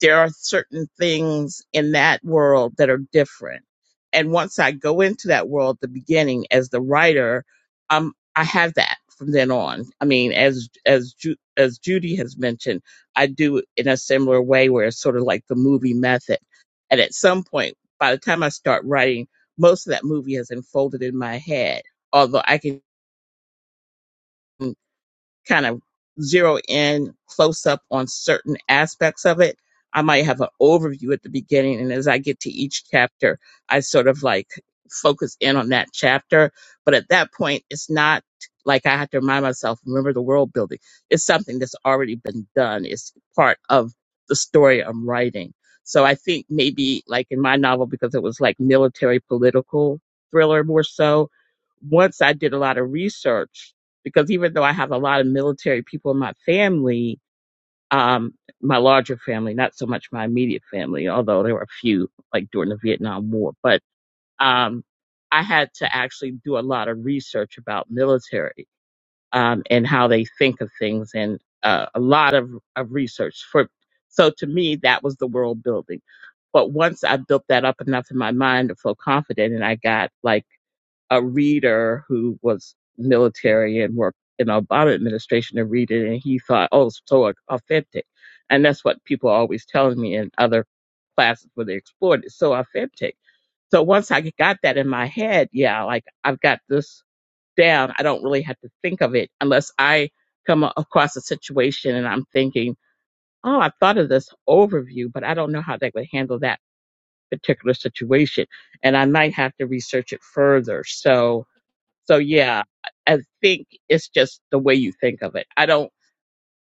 there are certain things in that world that are different. And once I go into that world, at the beginning as the writer, um, I have that from then on. I mean, as as Ju- as Judy has mentioned, I do it in a similar way where it's sort of like the movie method. And at some point, by the time I start writing, most of that movie has unfolded in my head. Although I can kind of zero in close up on certain aspects of it. I might have an overview at the beginning, and as I get to each chapter, I sort of like focus in on that chapter. But at that point, it's not like I have to remind myself, remember the world building. It's something that's already been done, it's part of the story I'm writing. So I think maybe like in my novel, because it was like military political thriller more so, once I did a lot of research because even though I have a lot of military people in my family, um, my larger family, not so much my immediate family, although there were a few like during the Vietnam War, but um, I had to actually do a lot of research about military um, and how they think of things and uh, a lot of, of research for. So to me, that was the world building. But once I built that up enough in my mind to feel confident, and I got like a reader who was military and worked in the Obama administration to read it, and he thought, oh, it's so authentic. And that's what people are always telling me in other classes where they explored it. It's So authentic. So once I got that in my head, yeah, like I've got this down. I don't really have to think of it unless I come a- across a situation and I'm thinking, oh, I thought of this overview, but I don't know how they would handle that particular situation. And I might have to research it further. So, so yeah, I think it's just the way you think of it. I don't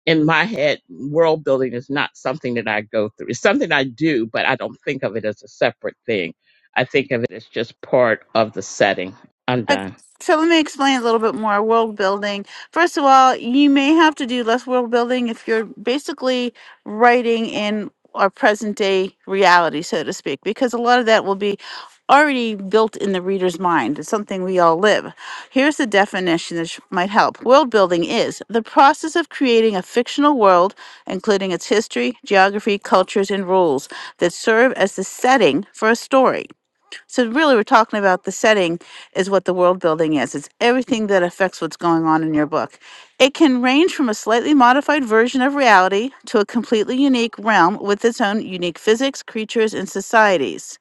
in my head, world building is not something that I go through. It's something I do, but I don't think of it as a separate thing. I think of it as just part of the setting. I'm Uh, done. So let me explain a little bit more world building. First of all, you may have to do less world building if you're basically writing in our present day reality, so to speak, because a lot of that will be already built in the reader's mind. It's something we all live. Here's the definition that sh- might help World building is the process of creating a fictional world, including its history, geography, cultures, and rules that serve as the setting for a story. So really, we're talking about the setting is what the world building is. It's everything that affects what's going on in your book. It can range from a slightly modified version of reality to a completely unique realm with its own unique physics, creatures, and societies.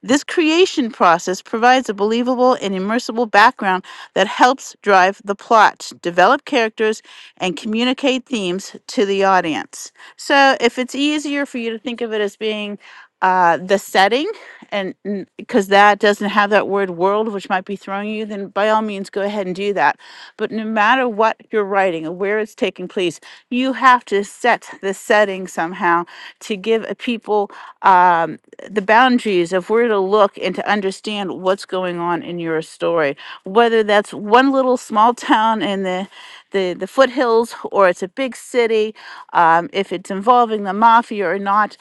This creation process provides a believable and immersible background that helps drive the plot, develop characters, and communicate themes to the audience. So, if it's easier for you to think of it as being uh, the setting and because that doesn't have that word world, which might be throwing you, then by all means, go ahead and do that. But no matter what you're writing or where it's taking place, you have to set the setting somehow to give a people um, the boundaries of where to look and to understand what's going on in your story whether that's one little small town in the the, the foothills or it's a big city um, if it's involving the mafia or not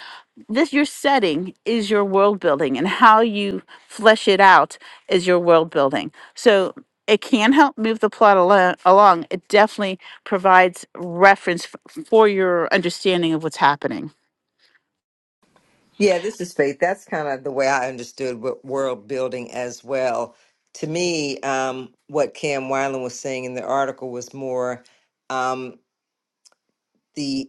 this your setting is your world building and how you flesh it out is your world building so it can help move the plot alo- along it definitely provides reference f- for your understanding of what's happening Yeah, this is Faith. That's kind of the way I understood what world building as well. To me, um, what Cam Weiland was saying in the article was more um, the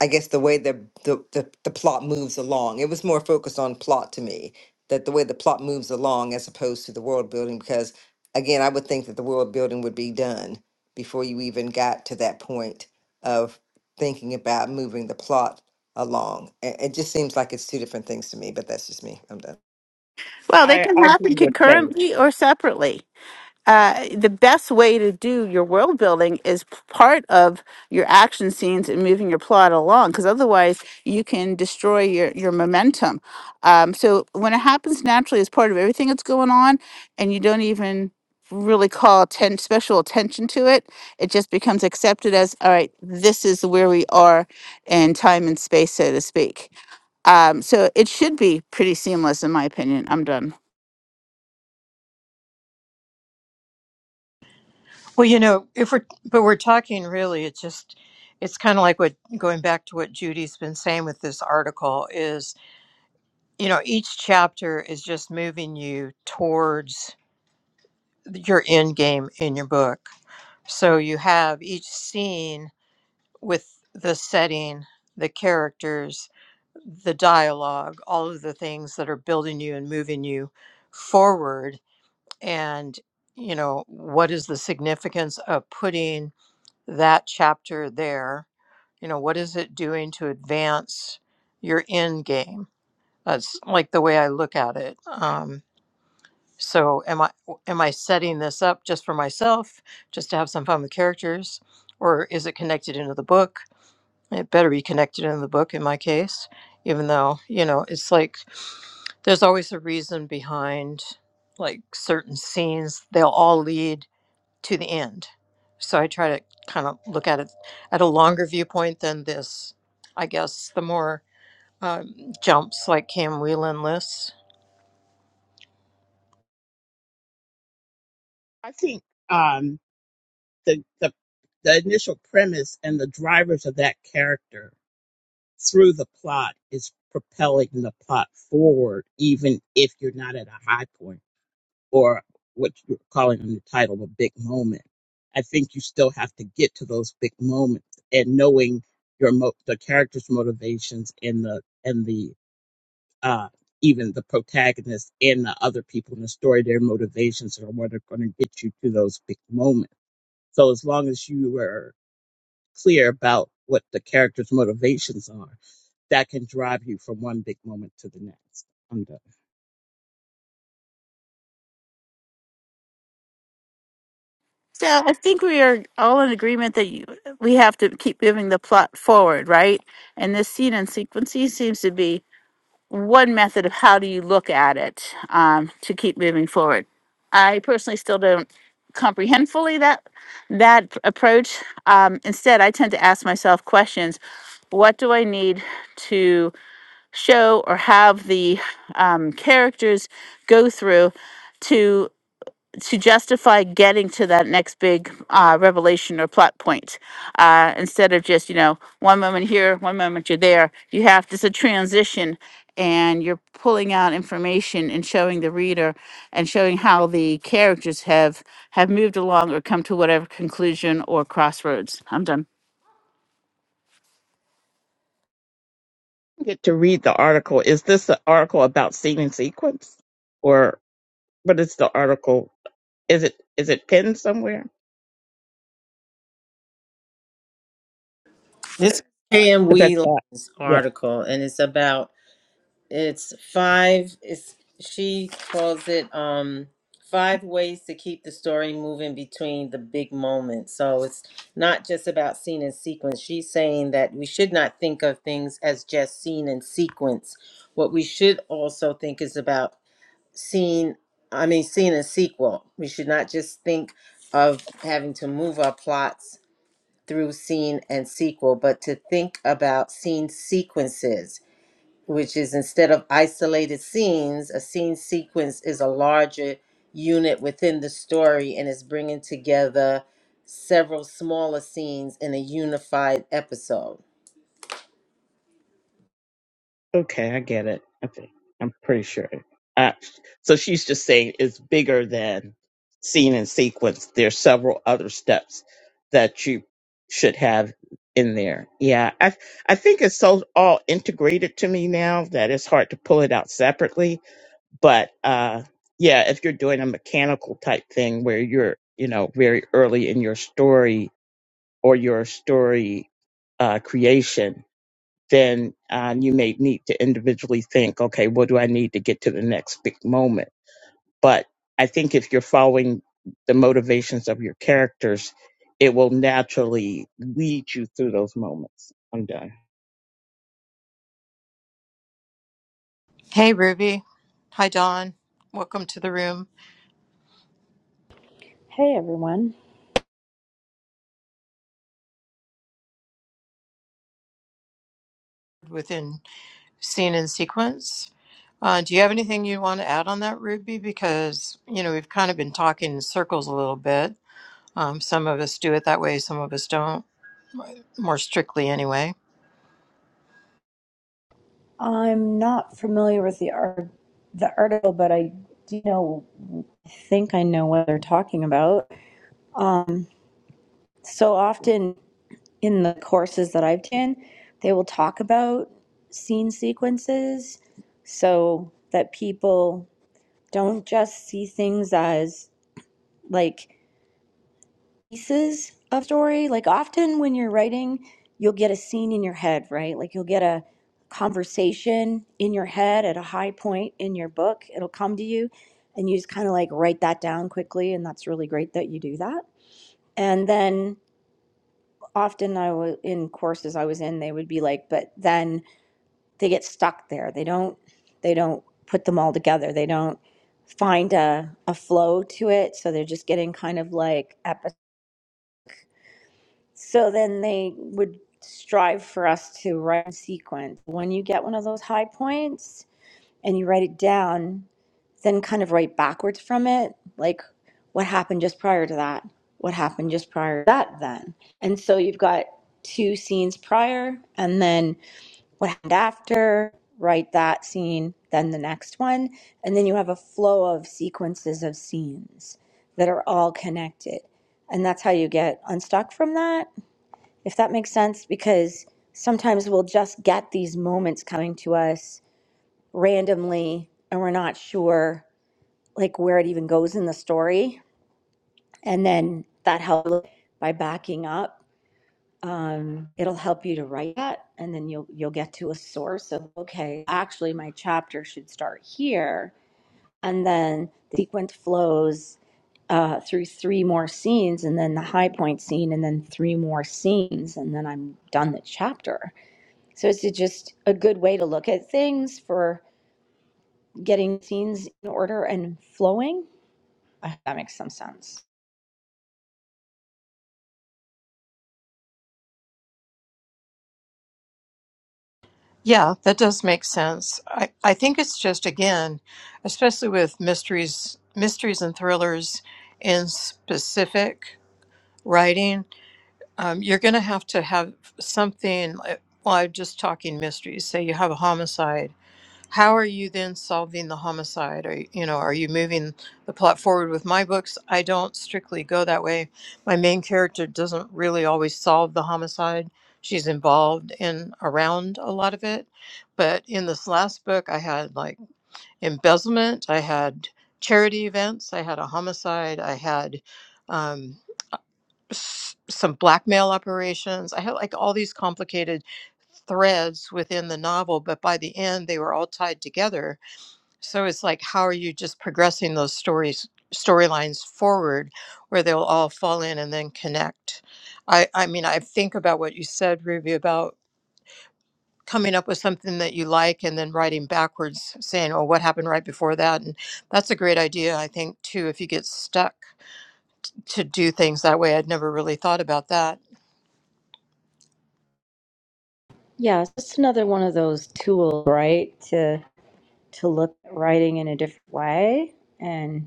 I guess the way the, the the the plot moves along. It was more focused on plot to me, that the way the plot moves along as opposed to the world building. Because again, I would think that the world building would be done before you even got to that point of thinking about moving the plot along. It, it just seems like it's two different things to me. But that's just me. I'm done. well they I, can I agree happen with Faith. concurrently or separately uh, the best way to do your world building is p- part of your action scenes and moving your plot along because otherwise you can destroy your, your momentum um, so when it happens naturally as part of everything that's going on and you don't even really call atten- special attention to it it just becomes accepted as all right this is where we are in time and space so to speak um, so it should be pretty seamless in my opinion i'm done Well, you know, if we're but we're talking really, it's just it's kind of like what going back to what Judy's been saying with this article is, you know, each chapter is just moving you towards your end game in your book. So you have each scene with the setting, the characters, the dialogue, all of the things that are building you and moving you forward and you know, what is the significance of putting that chapter there you know what is it doing to advance your end game that's like the way i look at it um so am I am i setting this up just for myself just to have some fun with characters or is it connected into the book it better be connected into the book in my case even though you know it's like there's always a reason behind like certain scenes they'll all lead to the end. So I try to kind of look at it at a longer viewpoint than this, I guess, the more um, jumps like Cam Whelan lists. I think um, the, the the initial premise and the drivers of that character through the plot is propelling the plot forward, even if you're not at a high point. or what you're calling in the title a big moment. I think you still have to get to those big moments and knowing your mo- the character's motivations and the and the uh, even the protagonist and the other people in the story, their motivations are what are going to get you to those big moments. So as long as you are clear about what the character's motivations are, that can drive you from one big moment to the next. I'm done. So I think we are all in agreement that you, we have to keep moving the plot forward, right? And this scene and sequencing seems to be one method of how do you look at it um, to keep moving forward. I personally still don't comprehend fully that that p- approach. Um, instead, I tend to ask myself questions: What do I need to show or have the um, characters go through? to justify getting to that next big uh, revelation or plot point uh, instead of just you know one moment here one moment you're there you have this a transition and you're pulling out information and showing the reader and showing how the characters have have moved along or come to whatever conclusion or crossroads i'm done get to read the article. Is this the article about seed and sequence, or what is the article? Is it is it pinned somewhere? This is KM Is that that? Wheelan's Yeah. article, and it's about It's five. It's she calls it um five ways to keep the story moving between the big moments. So it's not just about scene and sequence. She's saying that we should not think of things as just scene and sequence. What we should also think is about scene. I mean, scene and sequel. We should not just think of having to move our plots through scene and sequel, but to think about scene sequences which is instead of isolated scenes, a scene sequence is a larger unit within the story and is bringing together several smaller scenes in a unified episode. Okay, I get it. Okay, I'm pretty sure. Uh, so she's just saying it's bigger than scene and sequence. There's several other steps that you should have in there. Yeah, I I think it's so all integrated to me now that it's hard to pull it out separately but uh yeah if you're doing a mechanical type thing where you're you know very early in your story or your story uh creation then uh, you may need to individually think okay what do i need to get to the next big moment but i think if you're following the motivations of your characters it will naturally lead you through those moments i'm done Hey, Ruby. Hi, Don. Welcome to the room Hey everyone. within Scene and Sequence. Uh, do you have anything you want to add on that, Ruby? Because, you know, we've kind of been talking in circles a little bit. Um, some of us do it that way, some of us don't, more strictly anyway. I'm not familiar with the art, the article, but I do know. I think I know what they're talking about. Um, so often in the courses that I've done, they will talk about scene sequences, so that people don't just see things as like pieces of story. Like often when you're writing, you'll get a scene in your head, right? Like you'll get a conversation in your head at a high point in your book. It'll come to you and you just kind of like write that down quickly and that's really great that you do that. And then often I was in courses I was in, they would be like, but then they get stuck there. They don't they don't put them all together. They don't find a, a flow to it. So they're just getting kind of like episodic So then they would strive for us to write in sequence. When you get one of those high points and you write it down, then kind of write backwards from it, like what happened just prior to that, what happened just prior to that, then. And so you've got two scenes prior, and then what happened after, write that scene, then the next one. And then you have a flow of sequences of scenes that are all connected. And that's how you get unstuck from that if that makes sense, because sometimes we'll just get these moments coming to us randomly and we're not sure like where it even goes in the story. And then that helps by backing up. Um, it'll help you to write that and then you'll you'll get to a source of okay, actually my chapter should start here. And then the sequence flows uh, through three more scenes and then the high point scene and then three more scenes and then I'm done the chapter So it's just a good way to look at things for getting scenes in order and flowing. I hope that makes some sense. Yeah, that does make sense. I, I think it's just again, especially with mysteries, mysteries and thrillers in specific writing, um, you're going to have to have something. like- Well, I'm just talking mysteries. Say you have a homicide how are you then solving the homicide are you, you know are you moving the plot forward with my books i don't strictly go that way my main character doesn't really always solve the homicide she's involved in around a lot of it but in this last book i had like embezzlement i had charity events i had a homicide i had um, s- some blackmail operations i had like all these complicated threads within the novel but by the end they were all tied together so it's like, how are you just progressing those stories, storylines forward where they'll all fall in and then connect? I, I mean, I think about what you said, Ruby, about coming up with something that you like and then writing backwards, saying, oh, what happened right before that? And that's a great idea, I think, too, if you get stuck to do things that way. I'd never really thought about that. Yeah, it's just another one of those tools, right? To to look at writing in a different way and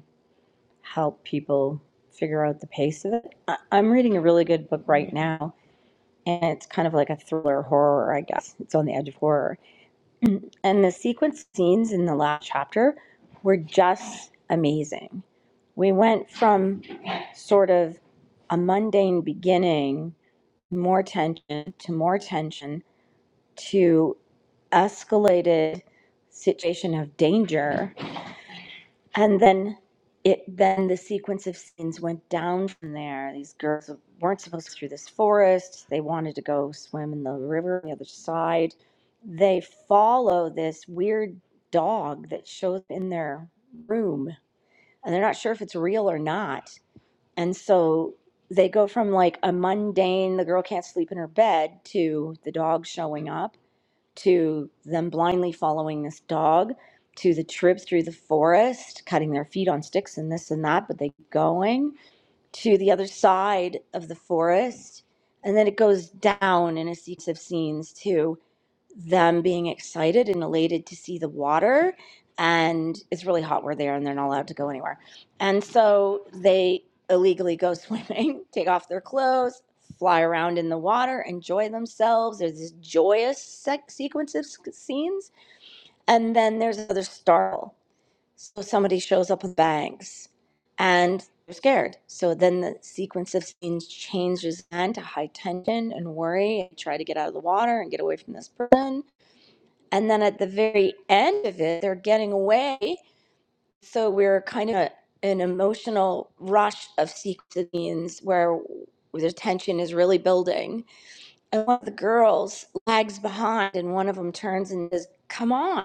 help people figure out the pace of it. I, I'm reading a really good book right now, and it's kind of like a thriller horror, I guess. It's on the edge of horror And the sequence scenes in the last chapter were just amazing. We went from sort of a mundane beginning, more tension to more tension to escalated situation of danger and then it then the sequence of scenes went down from there these girls weren't supposed to go through this forest they wanted to go swim in the river on the other side they follow this weird dog that shows up in their room and they're not sure if it's real or not and so they go from like a mundane the girl can't sleep in her bed to the dog showing up to them blindly following this dog, to the trip through the forest, cutting their feet on sticks and this and that, but they keep going to the other side of the forest. And then it goes down in a sequence of scenes too them being excited and elated to see the water and it's really hot where they are and they're not allowed to go anywhere and so they illegally go [LAUGHS] swimming take off their clothes fly around in the water enjoy themselves there's this joyous sex sequence of sc- scenes and then there's another startle so somebody shows up with bags and they're scared so then the sequence of scenes changes again to high tension and worry and try to get out of the water and get away from this person and then at the very end of it they're getting away so we're kind of an emotional rush of scenes where the tension is really building and one of the girls lags behind and one of them turns and says come on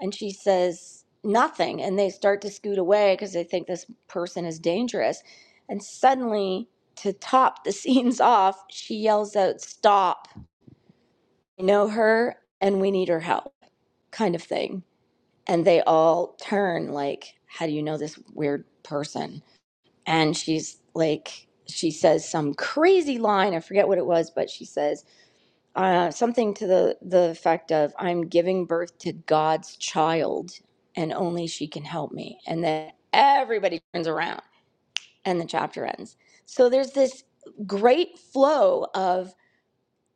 and she says nothing and they start to scoot away because they think this person is dangerous and suddenly to top the [LAUGHS] scenes off she yells out stop i know her and we need her help kind of thing and they all turn like how do you know this weird person and she's like she says some crazy line i forget what it was but she says uh, something to the the effect of i'm giving birth to god's child and only she can help me and then everybody turns around and the chapter ends so there's this great flow of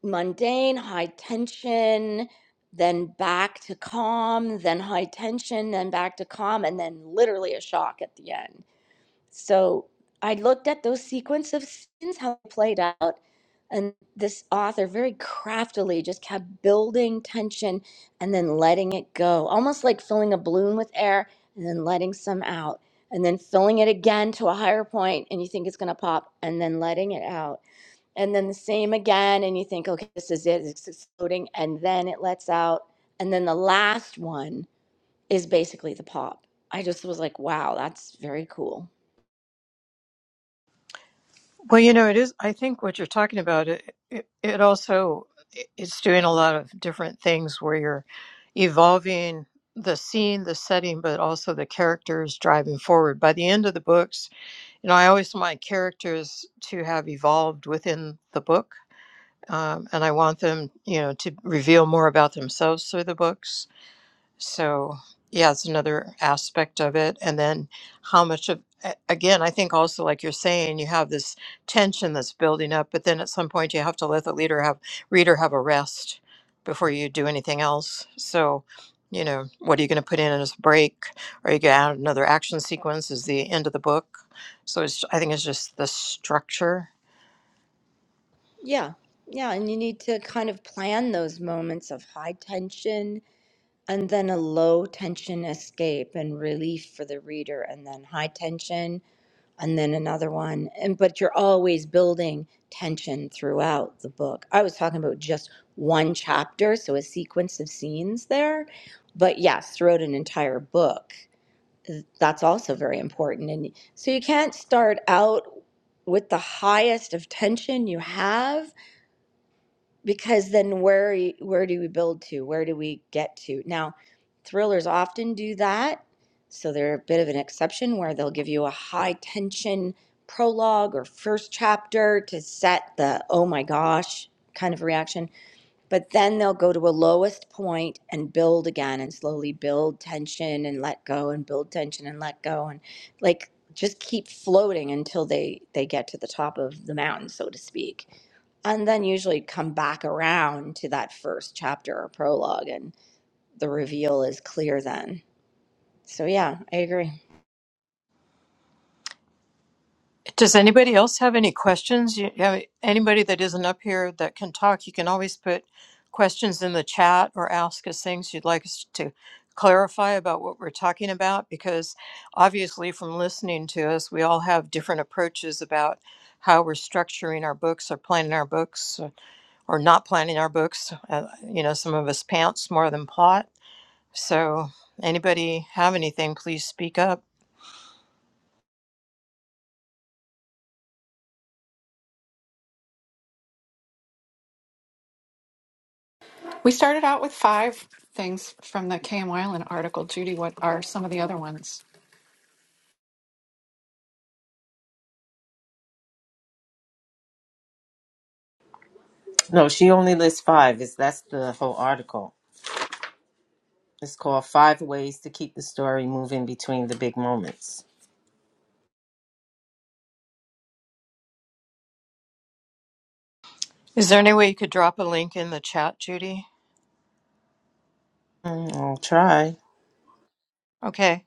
mundane, high tension, then back to calm, then high tension, then back to calm, and then literally a shock at the end. So I looked at those sequence of scenes, how they played out, and this author very craftily just kept building tension and then letting it go, almost like filling a balloon with air and then letting some out, and then filling it again to a higher point, and you think it's going to pop, and then letting it out and then the same again and you think okay this is it it's exploding and then it lets out and then the last one is basically the pop i just was like wow that's very cool Well, you know, it is. I think what you're talking about it it, it also it's doing a lot of different things where you're evolving the scene, the setting, but also the characters driving forward. By the end of the books, you know, I always want my characters to have evolved within the book, um, and I want them, you know, to reveal more about themselves through the books. So, yeah, it's another aspect of it. And then how much of, a- again, I think also, like you're saying, you have this tension that's building up, but then at some point you have to let the leader have, reader have a rest before you do anything else. So, you know, what are you going to put in as a break? Are you going to add another action sequence? Is the end of the book? So it's, I think it's just the structure yeah yeah and you need to kind of plan those moments of high tension and then a low tension escape and relief for the reader and then high tension and then another one and but you're always building tension throughout the book i was talking about just one chapter so a sequence of scenes there but yes throughout an entire book that's also very important and so you can't start out with the highest of tension you have because then where are where do we build to where do we get to now thrillers often do that so they're a bit of an exception where they'll give you a high tension prologue or first chapter to set the oh my gosh kind of reaction but then they'll go to a lowest point and build again and slowly build tension and let go and build tension and let go and like just keep floating until they they get to the top of the mountain so to speak and then usually come back around to that first chapter or prologue and the reveal is clear then so yeah i agree Does anybody else have any questions? You you have anybody that isn't up here that can talk? You can always put questions in the chat or ask us things you'd like us to clarify about what we're talking about because obviously from listening to us we all have different approaches about how we're structuring our books or planning our books uh, or not planning our books uh, you know some of us pants more than plot so anybody have anything please speak up We started out with five things from the KM Island article. Judy, what are some of the other ones? No, she only lists five. Is that's the whole article. It's called Five Ways to Keep the Story Moving Between the Big Moments. is there any way you could drop a link in the chat judy Mm, I'll try. okay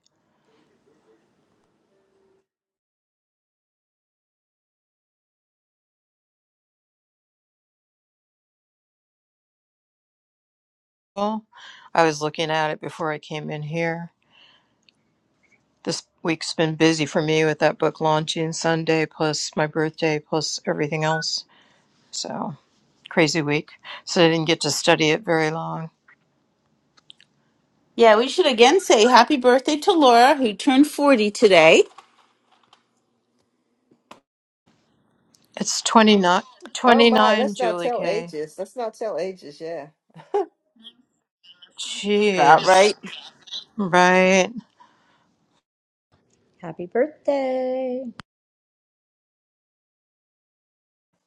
Well, I was looking at it before I came in here. This week's been busy for me with that book launching Sunday, plus my birthday, plus everything else. So, crazy week. So, I didn't get to study it very long. yeah we should again say happy birthday to laura who turned 40 today It's 29, Oh my, 29, let's not Julie tell K. ages. Let's not tell ages. Right, Jeez. right Right. happy birthday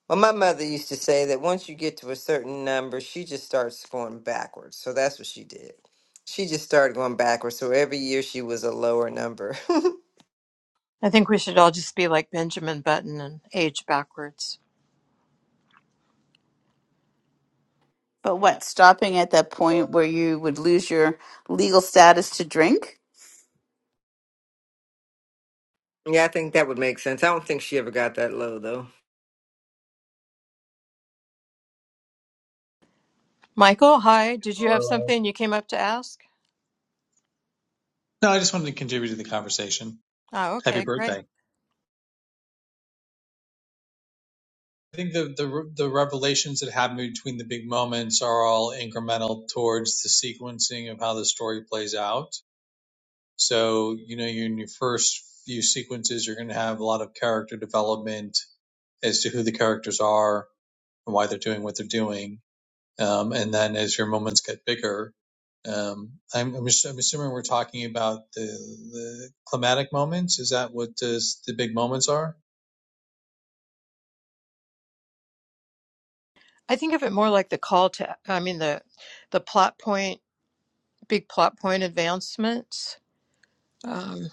Well, my mother used to say that once you get to a certain number, she just starts going backwards. So that's what she did. She just started going backwards. So every year she was a lower number. [LAUGHS] I think we should all just be like Benjamin Button and age backwards. but what stopping at that point where you would lose your legal status to drink yeah, I think that would make sense. I don't think she ever got that low, though. Michael, hi. Did you have No, something you came up to ask? I just wanted to contribute to the conversation. Oh, Happy okay. Great. birthday. I think the, the, the revelations that happen between the big moments are all incremental towards the sequencing of how the story plays out. So, you know, you in your first few sequences, you're going to have a lot of character development as to who the characters are and why they're doing what they're doing. Um, and then as your moments get bigger, um, I'm, I'm, assu- I'm assuming we're talking about the, the climatic moments. Is that what the, the big moments are? I think of it more like the call to, I mean, the the plot point, big plot point advancements. Um,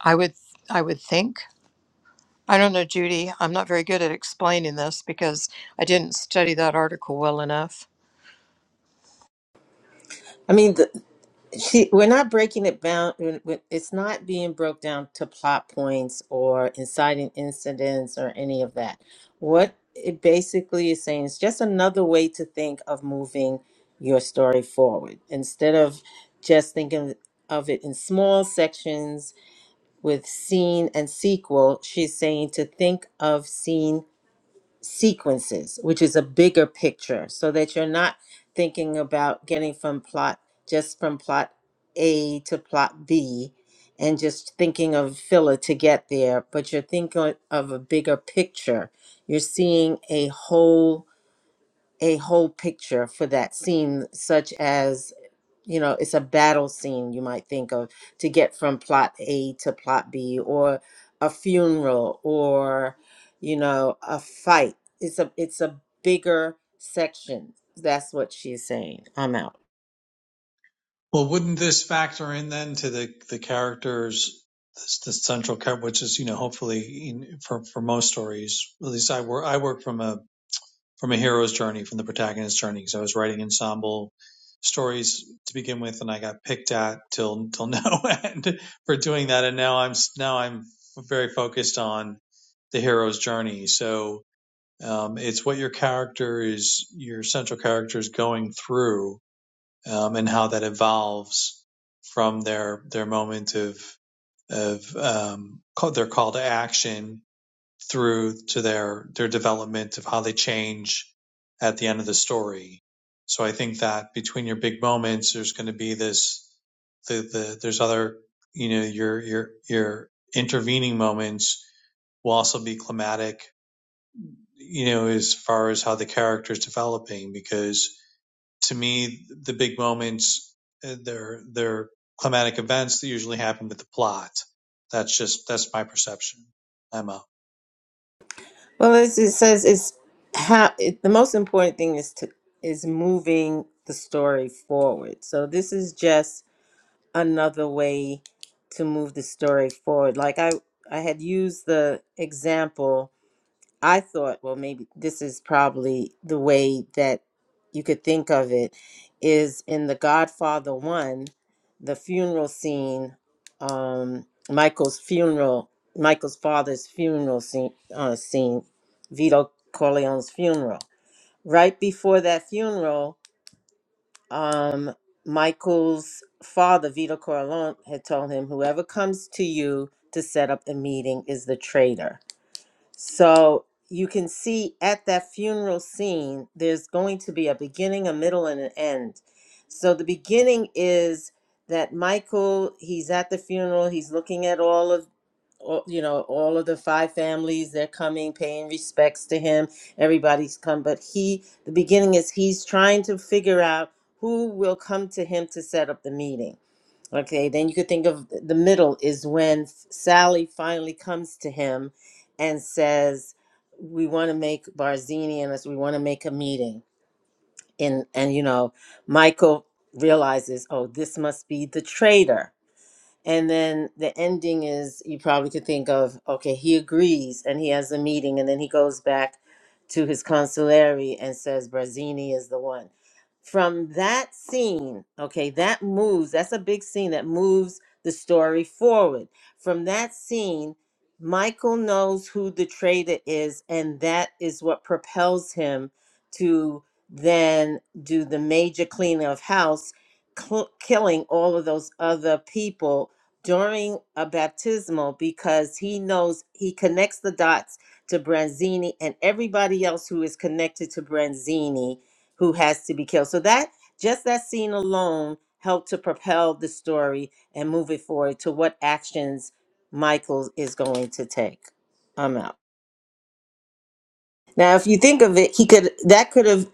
I would, I would think. I don't know, Judy. I'm not very good at explaining this because I didn't study that article well enough. I mean, the, She, we're not breaking it down. It's not being broke down to plot points or inciting incidents or any of that. What it basically is saying is just another way to think of moving your story forward instead of just thinking of it in small sections with scene and sequel. She's saying to think of scene sequences, which is a bigger picture, so that you're not thinking about getting from plot just from plot A to plot B and just thinking of filler to get there, but you're thinking of a bigger picture. You're seeing a whole a whole picture for that scene, such as you know it's a battle scene you might think of to get from plot a to plot b or a funeral or you know a fight it's a it's a bigger section that's what she's saying i'm out Well, wouldn't this factor in then to the the characters, this, the central character, which is you know hopefully in, for for most stories, at least I work I work from a from a hero's journey, from the protagonist's journey, because I was writing ensemble stories to begin with, and I got picked at till till [LAUGHS] no end for doing that, and now I'm now I'm very focused on the hero's journey. So um, it's what your character is, your central character is going through um, and how that evolves from their their moment of of um, call, their call to action through to their their development of how they change at the end of the story. So I think that between your big moments, there's going to be this the the there's other you know your your your intervening moments will also be climatic you know as far as how the character is developing because to me, the big moments, uh, they're, they're climatic events that usually happen with the plot. That's just, that's my perception. Emma. well as it says it's how it, the most important thing is to is moving the story forward so this is just another way to move the story forward like i i had used the example I thought, well, maybe this is probably the way that you could think of it is in The Godfather 1, the funeral scene, um, Michael's funeral, Michael's father's funeral scene, uh, scene, Vito Corleone's funeral. Right before that funeral, um, Michael's father, Vito Corleone, had told him, whoever comes to you to set up the meeting is the traitor so you can see at that funeral scene, there's going to be a beginning, a middle, and an end. So the beginning is that Michael, he's at the funeral, he's looking at all of all- you know all of the five families they're coming paying respects to him everybody's come but he the beginning is he's trying to figure out who will come to him to set up the meeting Okay, then you could think of the middle is when Sally finally comes to him and says, "We want to make Barzini and us. We want to make a meeting." And and you know, Michael realizes, "Oh, this must be the traitor." And then the ending is you probably could think of okay, he agrees and he has a meeting, and then he goes back to his consulary and says Brazzini is the one. From that scene, okay, that moves, that's a big scene that moves the story forward. From that scene, Michael knows who the traitor is, and that is what propels him to then do the major cleaning of house cl- killing all of those other people during a baptismal because he knows he connects the dots to Branzini and everybody else who is connected to Branzini who has to be killed. So that just that scene alone helped to propel the story and move it forward to what actions Michael is going to take. I'm out. Now, if you think of it, he could that could have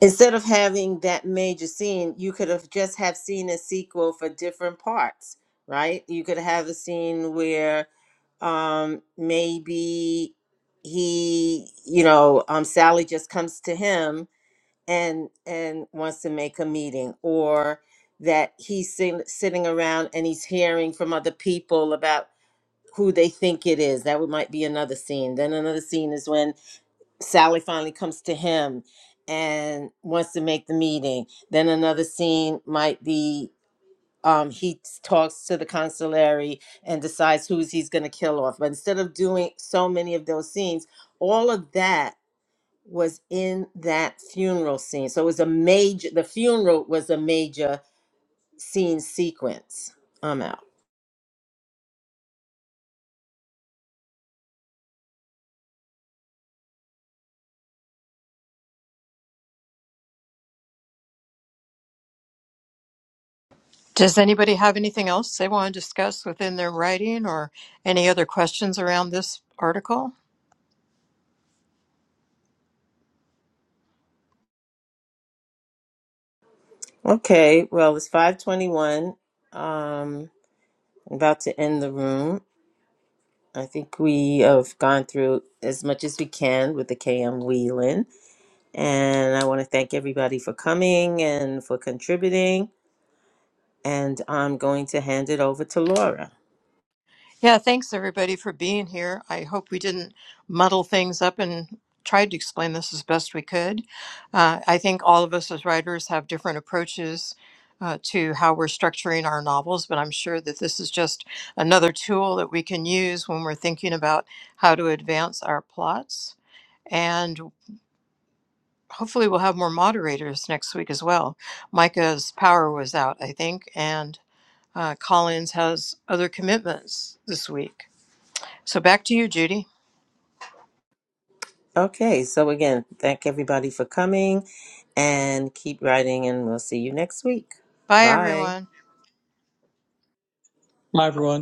instead of having that major scene, you could have just have seen a sequel for different parts, right? You could have a scene where um maybe he you know um sally just comes to him and and wants to make a meeting or that he's sitting, sitting around and he's hearing from other people about who they think it is that would might be another scene then another scene is when sally finally comes to him and wants to make the meeting then another scene might be um, he s- talks to the consulary and decides who's he's going to kill off. But instead of doing so many of those scenes, all of that was in that funeral scene. So it was a major. The funeral was a major scene sequence. I'm out. Does anybody have anything else they want to discuss within their writing or any other questions around this article? Okay. Well, it's five twenty-one. Um, I'm about to end the room. I think we have gone through as much as we can with the KM Wheelan. And I want to thank everybody for coming and for contributing. and I'm going to hand it over to Laura. Yeah, thanks everybody for being here. I hope we didn't muddle things up and tried to explain this as best we could. Uh, I think all of us as writers have different approaches uh, to how we're structuring our novels, but I'm sure that this is just another tool that we can use when we're thinking about how to advance our plots. And hopefully, we'll have more moderators next week as well. Micah's power was out, I think, and uh, Collins has other commitments this week. So back to you, Judy. Okay, so again, thank everybody for coming and keep writing, and we'll see you next week. Bye, Bye. everyone. Hi, everyone.